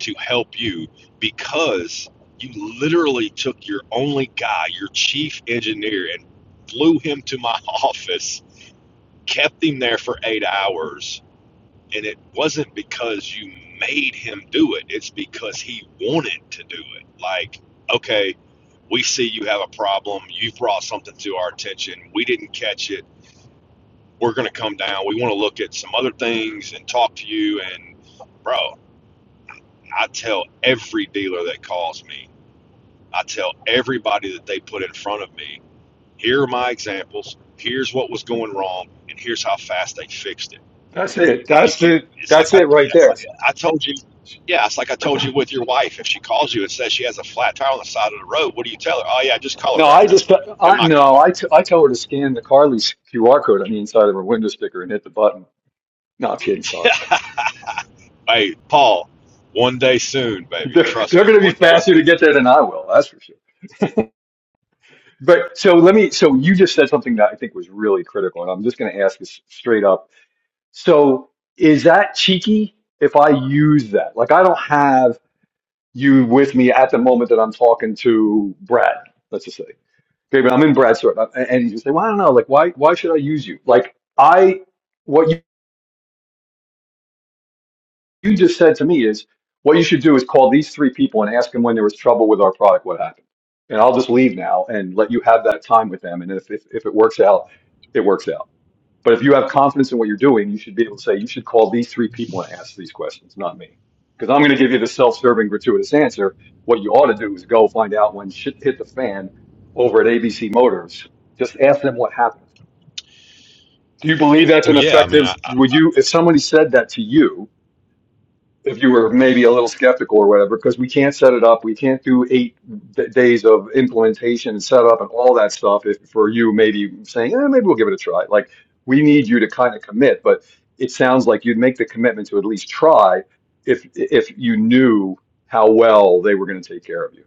Speaker 10: to help you because you literally took your only guy, your chief engineer, and flew him to my office, kept him there for eight hours. And it wasn't because you made him do it, it's because he wanted to do it. Like, okay, we see you have a problem. You brought something to our attention. We didn't catch it. We're going to come down. We want to look at some other things and talk to you. And, bro, I tell every dealer that calls me I tell everybody that they put in front of me, here are my examples. Here's what was going wrong, and here's how fast they fixed it.
Speaker 2: That's it.
Speaker 10: You,
Speaker 2: That's
Speaker 10: you
Speaker 2: it.
Speaker 10: it's like
Speaker 2: That's
Speaker 10: I,
Speaker 2: it right
Speaker 10: it's
Speaker 2: there.
Speaker 10: like I told you. Yeah, it's like I told you with your wife. If she calls you and says she has a flat tire on the side of the road, what do you tell her? Oh yeah, just call a
Speaker 2: No, I
Speaker 10: record.
Speaker 2: just,
Speaker 10: Yeah, I'm
Speaker 2: I,
Speaker 10: not
Speaker 2: no,
Speaker 10: coming.
Speaker 2: I, t I tell her to scan the Carly's QR code on the inside of her window sticker and hit the button. No, I'm kidding. Sorry.
Speaker 10: hey, Paul, one day soon, baby.
Speaker 2: They're,
Speaker 10: Trust
Speaker 2: they're
Speaker 10: me,
Speaker 2: going to be
Speaker 10: one day
Speaker 2: faster to
Speaker 10: soon.
Speaker 2: get there than I will. That's for sure. But so let me, so you just said something that I think was really critical. And I'm just going to ask this straight up So is that cheeky if I use that? Like I don't have you with me at the moment that I'm talking to Brad, let's just say. Maybe I'm in Brad's store and and you say, Well, I don't know, like why why should I use you? Like I what you, you just said to me is what you should do is call these three people and ask them when there was trouble with our product, what happened. And I'll just leave now and let you have that time with them. And if if, if it works out, it works out But if you have confidence in what you're doing, you should be able to say, you should call these three people and ask these questions, not me. Because I'm going to give you the self serving, gratuitous answer. What you ought to do is go find out when shit hit the fan over at ABC Motors. Just ask them what happened. Do you believe that's
Speaker 10: Well,
Speaker 2: an
Speaker 10: yeah, I mean, I,
Speaker 2: effective?
Speaker 10: I,
Speaker 2: Would you, if somebody said that to you, if you were maybe a little skeptical or whatever, because we can't set it up. We can't do eight d- days of implementation and setup and all that stuff. If for you, maybe saying, eh, maybe we'll give it a try. Like we need you to kind of commit, but it sounds like you'd make the commitment to at least try if if you knew how well they were going to take care of you.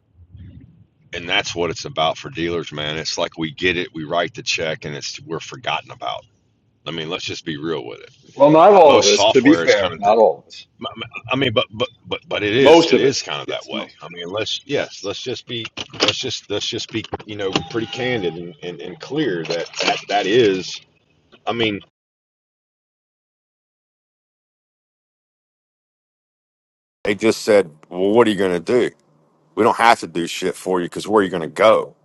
Speaker 10: and that's what it's about for dealers, man. It's like we get it, we write the check, and it's we're forgotten about. I mean, let's just be real with it.
Speaker 2: Well, not all of
Speaker 10: most
Speaker 2: us, to be
Speaker 10: software is kind
Speaker 2: fair,
Speaker 10: of the,
Speaker 2: not all of us.
Speaker 10: i mean but but but but it is
Speaker 2: Most
Speaker 10: it
Speaker 2: of
Speaker 10: is
Speaker 2: us,
Speaker 10: kind of that
Speaker 2: yes,
Speaker 10: way
Speaker 2: most.
Speaker 10: i mean let's yes let's just be let's just let's just be you know pretty candid and, and, and clear that, that that is i mean They just said, well, what are you going to do? We don't have to do shit for you because where are you going to go?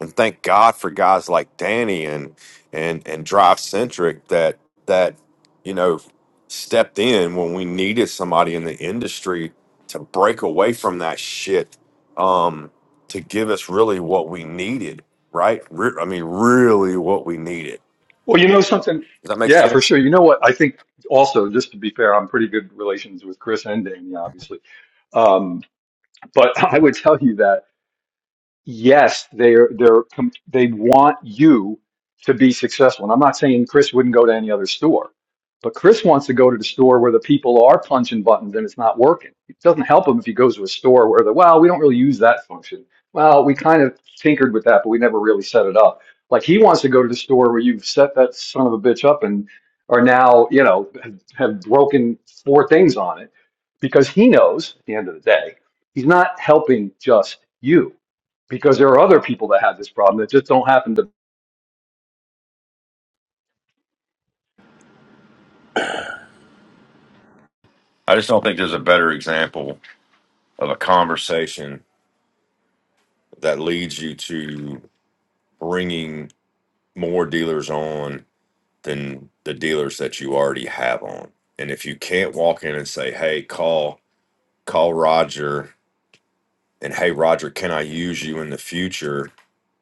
Speaker 10: And thank God for guys like Danny and and and Drive Centric that that you know stepped in when we needed somebody in the industry to break away from that shit um, to give us really what we needed. Right? Re- I mean, really what we needed.
Speaker 2: Well, you know something?
Speaker 10: Does that make
Speaker 2: Yeah, for
Speaker 10: sense?
Speaker 2: sure. You know what? I think also, just to be fair, I'm pretty good relations with Chris and Danny, obviously. Um, but I would tell you that yes, they're they're com- they want you to be successful. And I'm not saying Chris wouldn't go to any other store, but Chris wants to go to the store where the people are punching buttons and it's not working. It doesn't help him if he goes to a store where the well, we don't really use that function. Well, we kind of tinkered with that, but we never really set it up. Like he wants to go to the store where you've set that son of a bitch up and are now, you know, have, have broken four things on it because he knows at the end of the day, he's not helping just you because there are other people that have this problem that just don't happen to.
Speaker 10: I just don't think there's a better example of a conversation that leads you to bringing more dealers on than the dealers that you already have on. And if you can't walk in and say, "Hey, call call Roger," and "Hey, Roger, can I use you in the future?"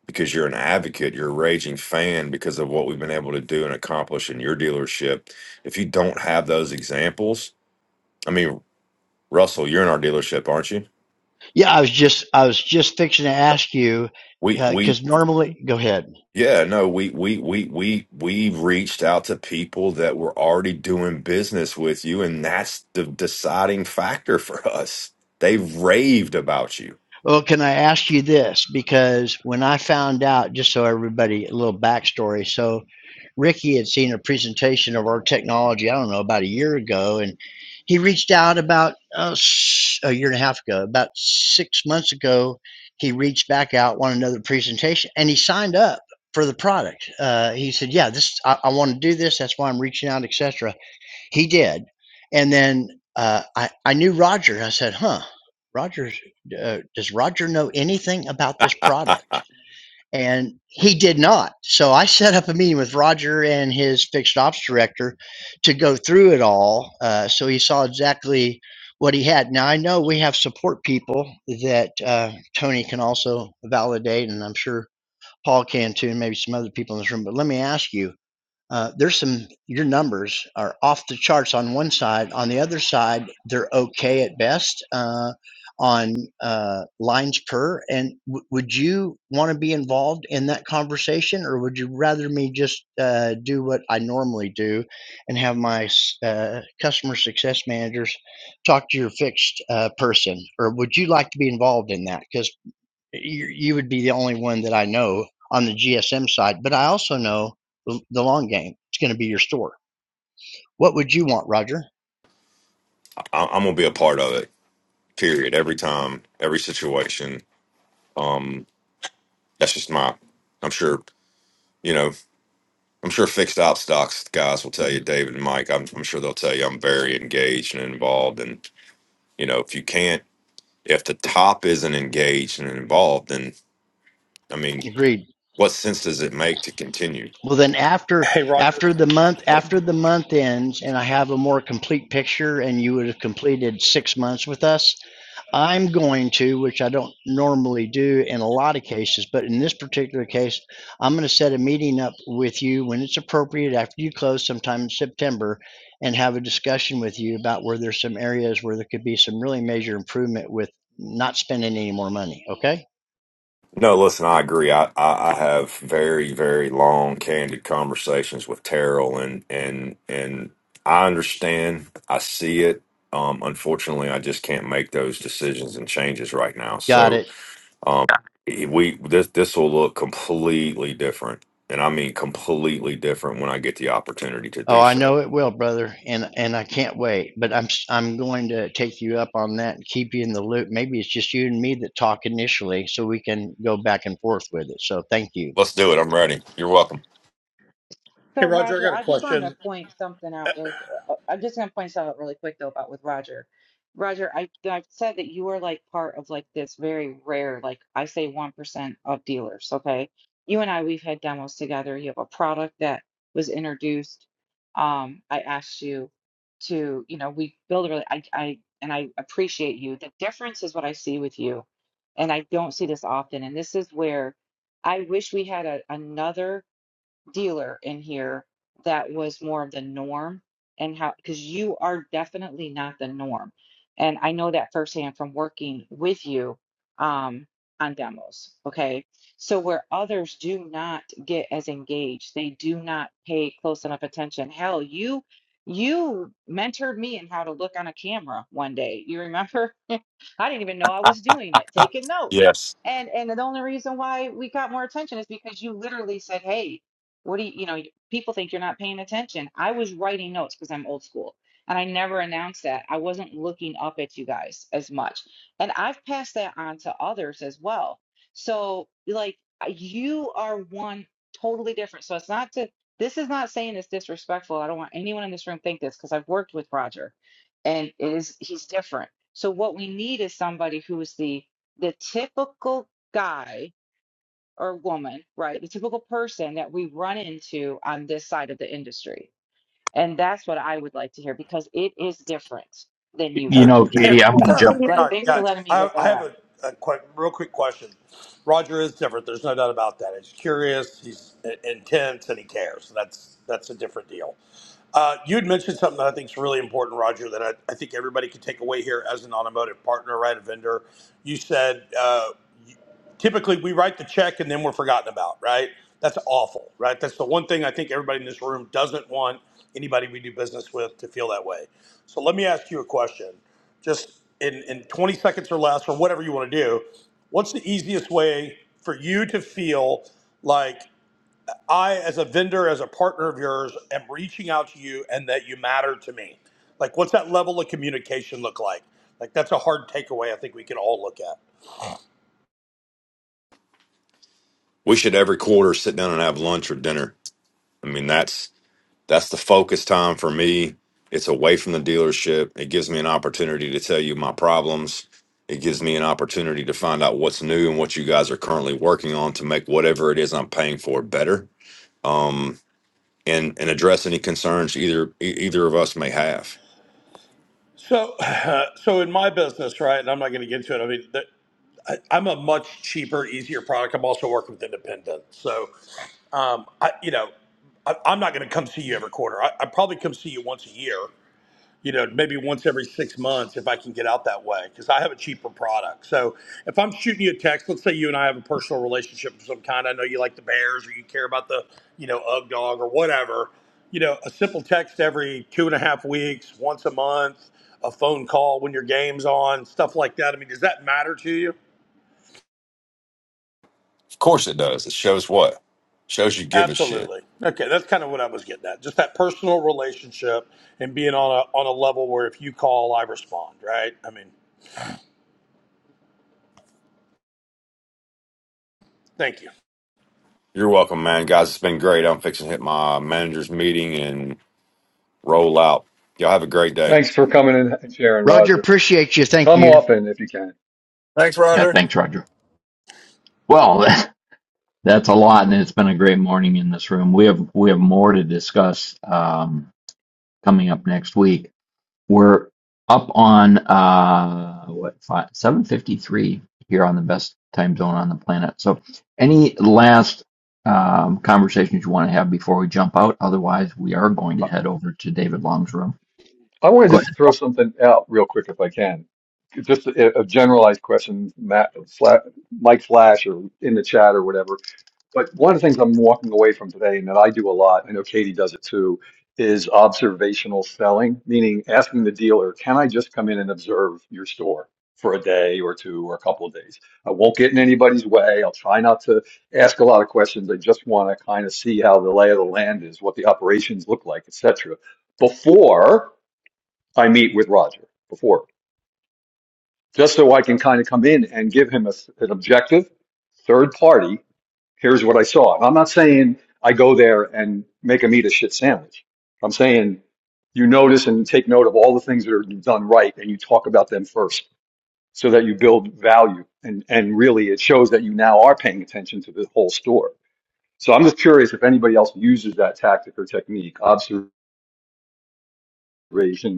Speaker 10: Because you're an advocate, you're a raging fan because of what we've been able to do and accomplish in your dealership. If you don't have those examples, I mean, Russell, you're in our dealership, aren't you?
Speaker 5: Yeah, I was just I was just fixing to ask you
Speaker 10: We we
Speaker 5: because uh, normally, go ahead.
Speaker 10: Yeah, no, we we we we we reached out to people that were already doing business with you, and that's the deciding factor for us. They raved about you.
Speaker 5: Well, can I ask you this? Because when I found out, just so everybody, a little backstory. So, Ricky had seen a presentation of our technology, I don't know, about a year ago, and he reached out about uh, s- a year and a half ago, about six months ago. He reached back out, wanted another presentation, and he signed up for the product. Uh, he said, "Yeah, this I, I want to do this. That's why I'm reaching out, etc." He did. And then uh, I, I knew Roger. I said, huh, Roger, uh, does Roger know anything about this
Speaker 10: I,
Speaker 5: product?
Speaker 10: I,
Speaker 5: And he did not. So I set up a meeting with Roger and his fixed ops director to go through it all. Uh, so he saw exactly what he had. Now I know we have support people that uh, Tony can also validate, and I'm sure Paul can too, and maybe some other people in this room. But let me ask you uh, there's some, your numbers are off the charts on one side. On the other side, they're okay at best uh, on uh, lines per. And w- would you want to be involved in that conversation, or would you rather me just uh, do what I normally do and have my s- uh, customer success managers talk to your fixed uh, person? Or would you like to be involved in that? Because you, you would be the only one that I know on the GSM side. But I also know the, the long game. It's going to be your store. What would you want, Roger?
Speaker 10: I'm gonna be a part of it. Period. Every time, every situation. Um, that's just my. I'm sure you know. I'm sure fixed op stocks guys will tell you, David and Mike. I'm, I'm sure they'll tell you I'm very engaged and involved. And you know, if you can't, if the top isn't engaged and involved, then I mean.
Speaker 5: Agreed.
Speaker 10: What sense does it make to continue?
Speaker 5: Well, then after
Speaker 9: Hey Roger.
Speaker 5: after the month after the month ends, and I have a more complete picture, and you would have completed six months with us, I'm going to, which I don't normally do in a lot of cases, but in this particular case, I'm going to set a meeting up with you when it's appropriate after you close sometime in September and have a discussion with you about where there's some areas where there could be some really major improvement with not spending any more money. Okay?
Speaker 10: No, listen, I agree. I, I, I have very, very long, candid conversations with Terrell, and and and I understand. I see it. Um, unfortunately, I just can't make those decisions and changes right now.
Speaker 5: Got
Speaker 10: So,
Speaker 5: it.
Speaker 10: um, we this this will look completely different, and I mean completely different when I get the opportunity to
Speaker 5: Oh,
Speaker 10: do
Speaker 5: I
Speaker 10: so.
Speaker 5: know it will, brother, and and I can't wait. But I'm s- I'm going to take you up on that and keep you in the loop. Maybe it's just you and me that talk initially, so we can go back and forth with it. So thank you,
Speaker 10: Let's do it. I'm ready. You're welcome.
Speaker 9: Hey
Speaker 11: So
Speaker 9: Roger, I
Speaker 11: Roger,
Speaker 9: got a
Speaker 11: I just wanted to
Speaker 9: question.
Speaker 11: point something out really. qu- uh, uh, I'm just gonna point something out really quick though about with Roger. Roger, I I've said that you are like part of like this very rare, like I say, one percent of dealers. Okay, you and I we've had demos together. You have a product that was introduced. Um, I asked you to, you know, we build a really. I I and I appreciate you. The difference is what I see with you, and I don't see this often. And this is where I wish we had a, another dealer in here that was more of the norm and how because you are definitely not the norm and i know that firsthand from working with you um on demos okay so where others do not get as engaged they do not pay close enough attention hell you you mentored me in how to look on a camera one day you remember I didn't even know I was doing it, taking notes.
Speaker 10: Yes,
Speaker 11: And and the only reason why we got more attention is because you literally said, "Hey, what do you, you know, people think you're not paying attention." I was writing notes because I'm old school. And I never announced that. I wasn't looking up at you guys as much. And I've passed that on to others as well. So, like, you are one totally different. So, it's not to, this is not saying it's disrespectful. I don't want anyone in this room to think this because I've worked with Roger and it is, he's different so what we need is somebody who is the the typical guy or woman, right? The typical person that we run into on this side of the industry. And that's what I would like to hear because it is different than you,
Speaker 9: Hey,
Speaker 12: You
Speaker 11: Roger.
Speaker 12: know,
Speaker 9: hey,
Speaker 12: Katie, I'm going to
Speaker 11: So
Speaker 12: jump.
Speaker 9: hang
Speaker 11: let,
Speaker 9: on,
Speaker 11: thanks for
Speaker 9: guys.
Speaker 11: letting me
Speaker 9: I,
Speaker 11: get
Speaker 9: I
Speaker 11: that
Speaker 9: have
Speaker 11: out.
Speaker 9: a, a quick, real quick question. Roger is different. There's no doubt about that. He's curious, he's i- intense, and he cares. That's that's a different deal. Uh, you had mentioned something that I think is really important, Roger, that I, I think everybody can take away here as an automotive partner, right? A vendor. You said. Uh, typically we write the check and then we're forgotten about, right? That's awful, right? That's the one thing I think everybody in this room doesn't want anybody we do business with to feel that way. So let me ask you a question. Just in, in 20 seconds or less, or whatever you want to do, what's the easiest way for you to feel like I, as a vendor, as a partner of yours, am reaching out to you and that you matter to me? Like, what's that level of communication look like? Like, that's a hard takeaway I think we can all look at.
Speaker 10: we should every quarter sit down and have lunch or dinner. I mean, that's That's the focus time for me. It's away from the dealership. It gives me an opportunity to tell you my problems. It gives me an opportunity to find out what's new and what you guys are currently working on to make whatever it is I'm paying for better. Um, and and address any concerns either e- either of us may have.
Speaker 9: So, uh, so in my business, right, and I'm not going to get into it. I mean, the, I, I'm a much cheaper, easier product. I'm also working with independents, so um, I, you know, I, I'm not going to come see you every quarter. I, I probably come see you once a year, you know, maybe once every six months if I can get out that way because I have a cheaper product. So if I'm shooting you a text, let's say you and I have a personal relationship of some kind. I know you like the Bears or you care about the, you know, Ugg dog or whatever. You know, a simple text every two and a half weeks, once a month, a phone call when your game's on, stuff like that. I mean, does that matter to you?
Speaker 10: Of course it does. It shows what? Shows you give a shit.
Speaker 9: Absolutely. Okay, that's kind of what I was getting at. Just that personal relationship and being on a on a level where if you call, I respond. Right? I mean, thank you.
Speaker 10: You're welcome, man. Guys, it's been great. I'm fixing to hit my manager's meeting and roll out. Y'all have a great day.
Speaker 2: Thanks for coming in and sharing,
Speaker 5: Roger.
Speaker 2: Roger.
Speaker 5: Appreciate you. Thank
Speaker 2: Come
Speaker 5: you.
Speaker 2: often if you can.
Speaker 13: Thanks,
Speaker 12: Yeah,
Speaker 13: Roger.
Speaker 12: thanks, Roger. Well, that's a lot, and it's been a great morning in this room. We have we have more to discuss um, coming up next week. We're up on uh what five, 753 here on the best time zone on the planet. So any last um, conversations you want to have before we jump out? Otherwise, we are going to
Speaker 2: I,
Speaker 12: head over to David Long's room.
Speaker 2: I want to
Speaker 12: Go
Speaker 2: just
Speaker 12: ahead.
Speaker 2: throw something out real quick if I can. Just a, a generalized question, Matt, Fla- Mike Flash, or in the chat or whatever But one of the things I'm walking away from today, and that I do a lot, I know Katie does it too, is observational selling, meaning asking the dealer, can I just come in and observe your store for a day or two or a couple of days? I won't get in anybody's way. I'll try not to ask a lot of questions. I just want to kind of see how the lay of the land is, what the operations look like, etc. before I meet with Roger, before, just so I can kind of come in and give him a s an objective third party here's what I saw. And I'm not saying I go there and make them eat a shit sandwich. I'm saying you notice and take note of all the things that are done right and you talk about them first so that you build value. And, and really it shows that you now are paying attention to the whole store. So I'm just curious if anybody else uses that tactic or technique, observation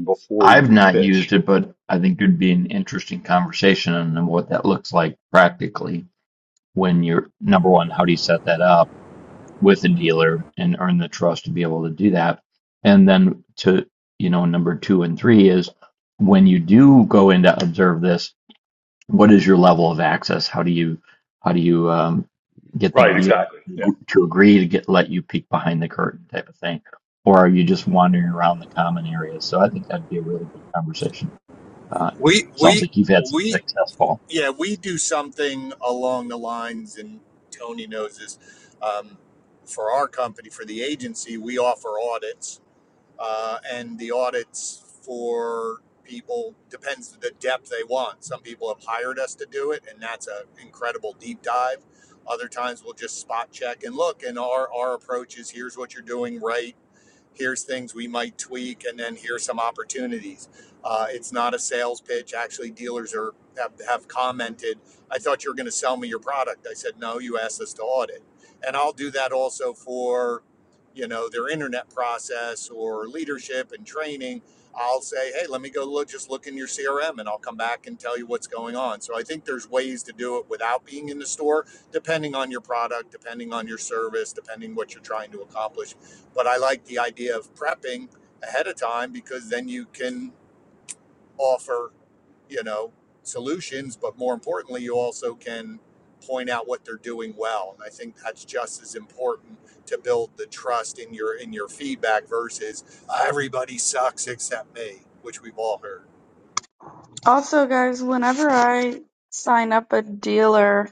Speaker 2: before
Speaker 12: I've
Speaker 2: you
Speaker 12: not used
Speaker 2: pitch.
Speaker 12: it, but I think it'd be an interesting conversation on what that looks like practically when you're number one, how do you set that up? with a dealer and earn the trust to be able to do that. And then to, you know, number two and three is when you do go in to observe this, what is your level of access? How do you, how do you um, get the
Speaker 2: Right,
Speaker 12: dealer
Speaker 2: exactly. Yeah.
Speaker 12: to agree to get let you peek behind the curtain type of thing? Or are you just wandering around the common areas? So I think that'd be a really good conversation. Uh,
Speaker 14: We
Speaker 12: sounds
Speaker 14: we
Speaker 12: like you've had some
Speaker 14: we
Speaker 12: success, Paul.
Speaker 14: yeah we do something along the lines, and Tony knows this. Um, for our company, for the agency, we offer audits, uh, and the audits for people depends the depth they want. Some people have hired us to do it, and that's an incredible deep dive. Other times, we'll just spot check and look. And our our approach is: here's what you're doing right here's things we might tweak, and then here's some opportunities. Uh, it's not a sales pitch. Actually, dealers are have, have commented, I thought you were going to sell me your product. I said, no, you asked us to audit. And I'll do that also for, you know, their internet process or leadership and training. I'll say, hey, let me go look, just look in your CRM and I'll come back and tell you what's going on. So I think there's ways to do it without being in the store, depending on your product, depending on your service, depending what you're trying to accomplish but I like the idea of prepping ahead of time because then you can offer, you know, solutions, but more importantly, you also can point out what they're doing well. And I think that's just as important to build the trust in your in your feedback versus "Uh, everybody sucks except me, which we've all heard.
Speaker 6: Also, guys, whenever I sign up a dealer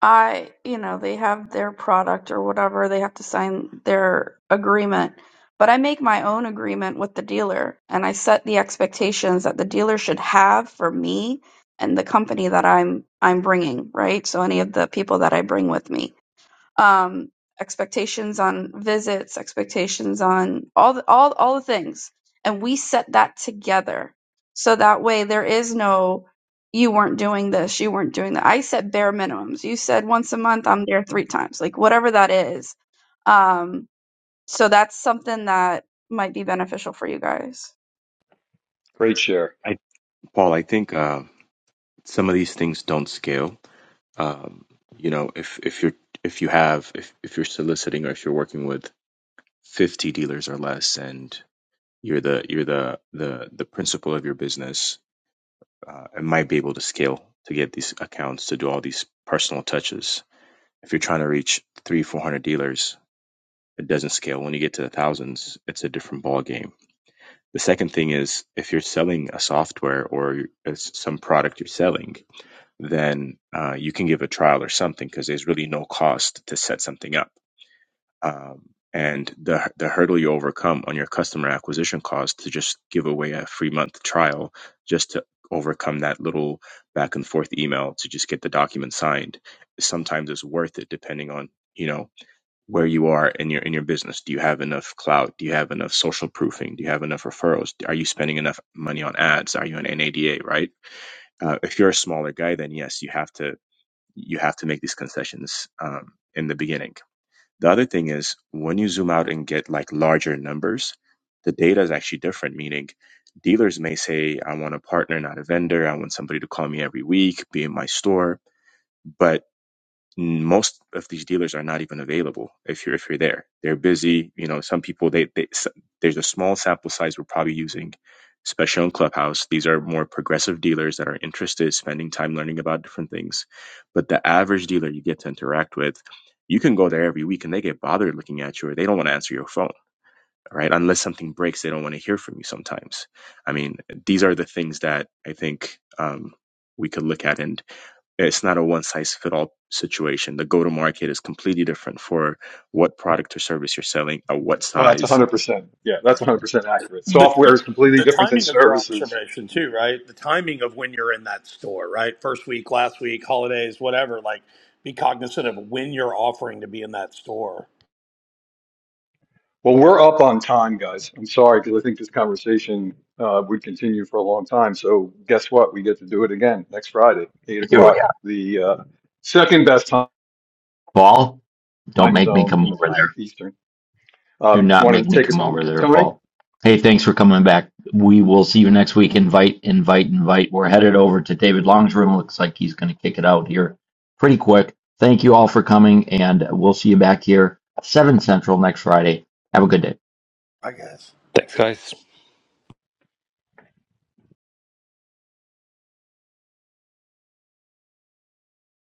Speaker 6: I, you know, they have their product or whatever, they have to sign their agreement. But I make my own agreement with the dealer and I set the expectations that the dealer should have for me and the company that I'm I'm bringing, right? So any of the people that I bring with me um, expectations on visits, expectations on all the, all all the things, and we set that together. So that way, there is no you weren't doing this, you weren't doing that. I set bare minimums. You said once a month, I'm there three times, like whatever that is. Um, so that's something that might be beneficial for you guys.
Speaker 2: Great share.
Speaker 15: I, Paul, I think uh, some of these things don't scale. Um, you know, if if you're if you have if if you're soliciting or if you're working with 50 dealers or less, and you're the you're the the the principal of your business, uh, it might be able to scale to get these accounts to do all these personal touches. If you're trying to reach three, four hundred dealers, it doesn't scale. When you get to the thousands, it's a different ball game. The second thing is if you're selling a software or it's some product you're selling, then uh, you can give a trial or something because there's really no cost to set something up. Um, and the the hurdle you overcome on your customer acquisition cost to just give away a free month trial just to overcome that little back and forth email to just get the document signed sometimes is worth it depending on you know where you are in your in your business do you have enough clout do you have enough social proofing do you have enough referrals are you spending enough money on ads are you an nada right uh, if you're a smaller guy then yes you have to you have to make these concessions um, in the beginning. The other thing is when you zoom out and get like larger numbers, the data is actually different. Meaning, dealers may say, "I want a partner, not a vendor. I want somebody to call me every week, be in my store," but most of these dealers are not even available if you're if you're there they're busy you know some people they, they there's a small sample size we're probably using especially on clubhouse these are more progressive dealers that are interested spending time learning about different things but the average dealer you get to interact with you can go there every week and they get bothered looking at you or they don't want to answer your phone right? Unless something breaks, they don't want to hear from you sometimes. I mean, these are the things that I think um, we could look at. And it's not a one size fit all situation. The go to market is completely different for what product or service you're selling, at what
Speaker 2: Oh, that's
Speaker 15: size.
Speaker 2: 100%. Yeah, that's 100% accurate.
Speaker 9: the
Speaker 2: Software
Speaker 9: time
Speaker 2: is completely
Speaker 9: the
Speaker 2: different than
Speaker 9: timing of your
Speaker 2: services
Speaker 9: observation too right the timing of when you're in that store right first week last week holidays whatever like be cognizant of when you're offering to be in that store
Speaker 2: Well, we're up on time, guys. I'm sorry because I think this conversation uh, would continue for a long time. So, guess what? We get to do it again next Friday, eight
Speaker 12: Here we
Speaker 2: o'clock.
Speaker 12: are.
Speaker 2: The uh, second best time
Speaker 12: Paul, don't make me
Speaker 2: zone
Speaker 12: come
Speaker 2: in the
Speaker 12: over there.
Speaker 2: planet, Eastern.
Speaker 12: Do
Speaker 2: Um,
Speaker 12: not
Speaker 2: Want
Speaker 12: make
Speaker 2: to
Speaker 12: me
Speaker 2: take us
Speaker 12: come
Speaker 2: home,
Speaker 12: over there,
Speaker 2: Tony?
Speaker 12: Paul. Hey, thanks for coming back. We will see you next week. Invite, invite, invite. We're headed over to David Long's room. Looks like he's going to kick it out here pretty quick. Thank you all for coming, and we'll see you back here at 7 Central next Friday. Have a good day.
Speaker 9: I guess.
Speaker 16: Thanks, guys.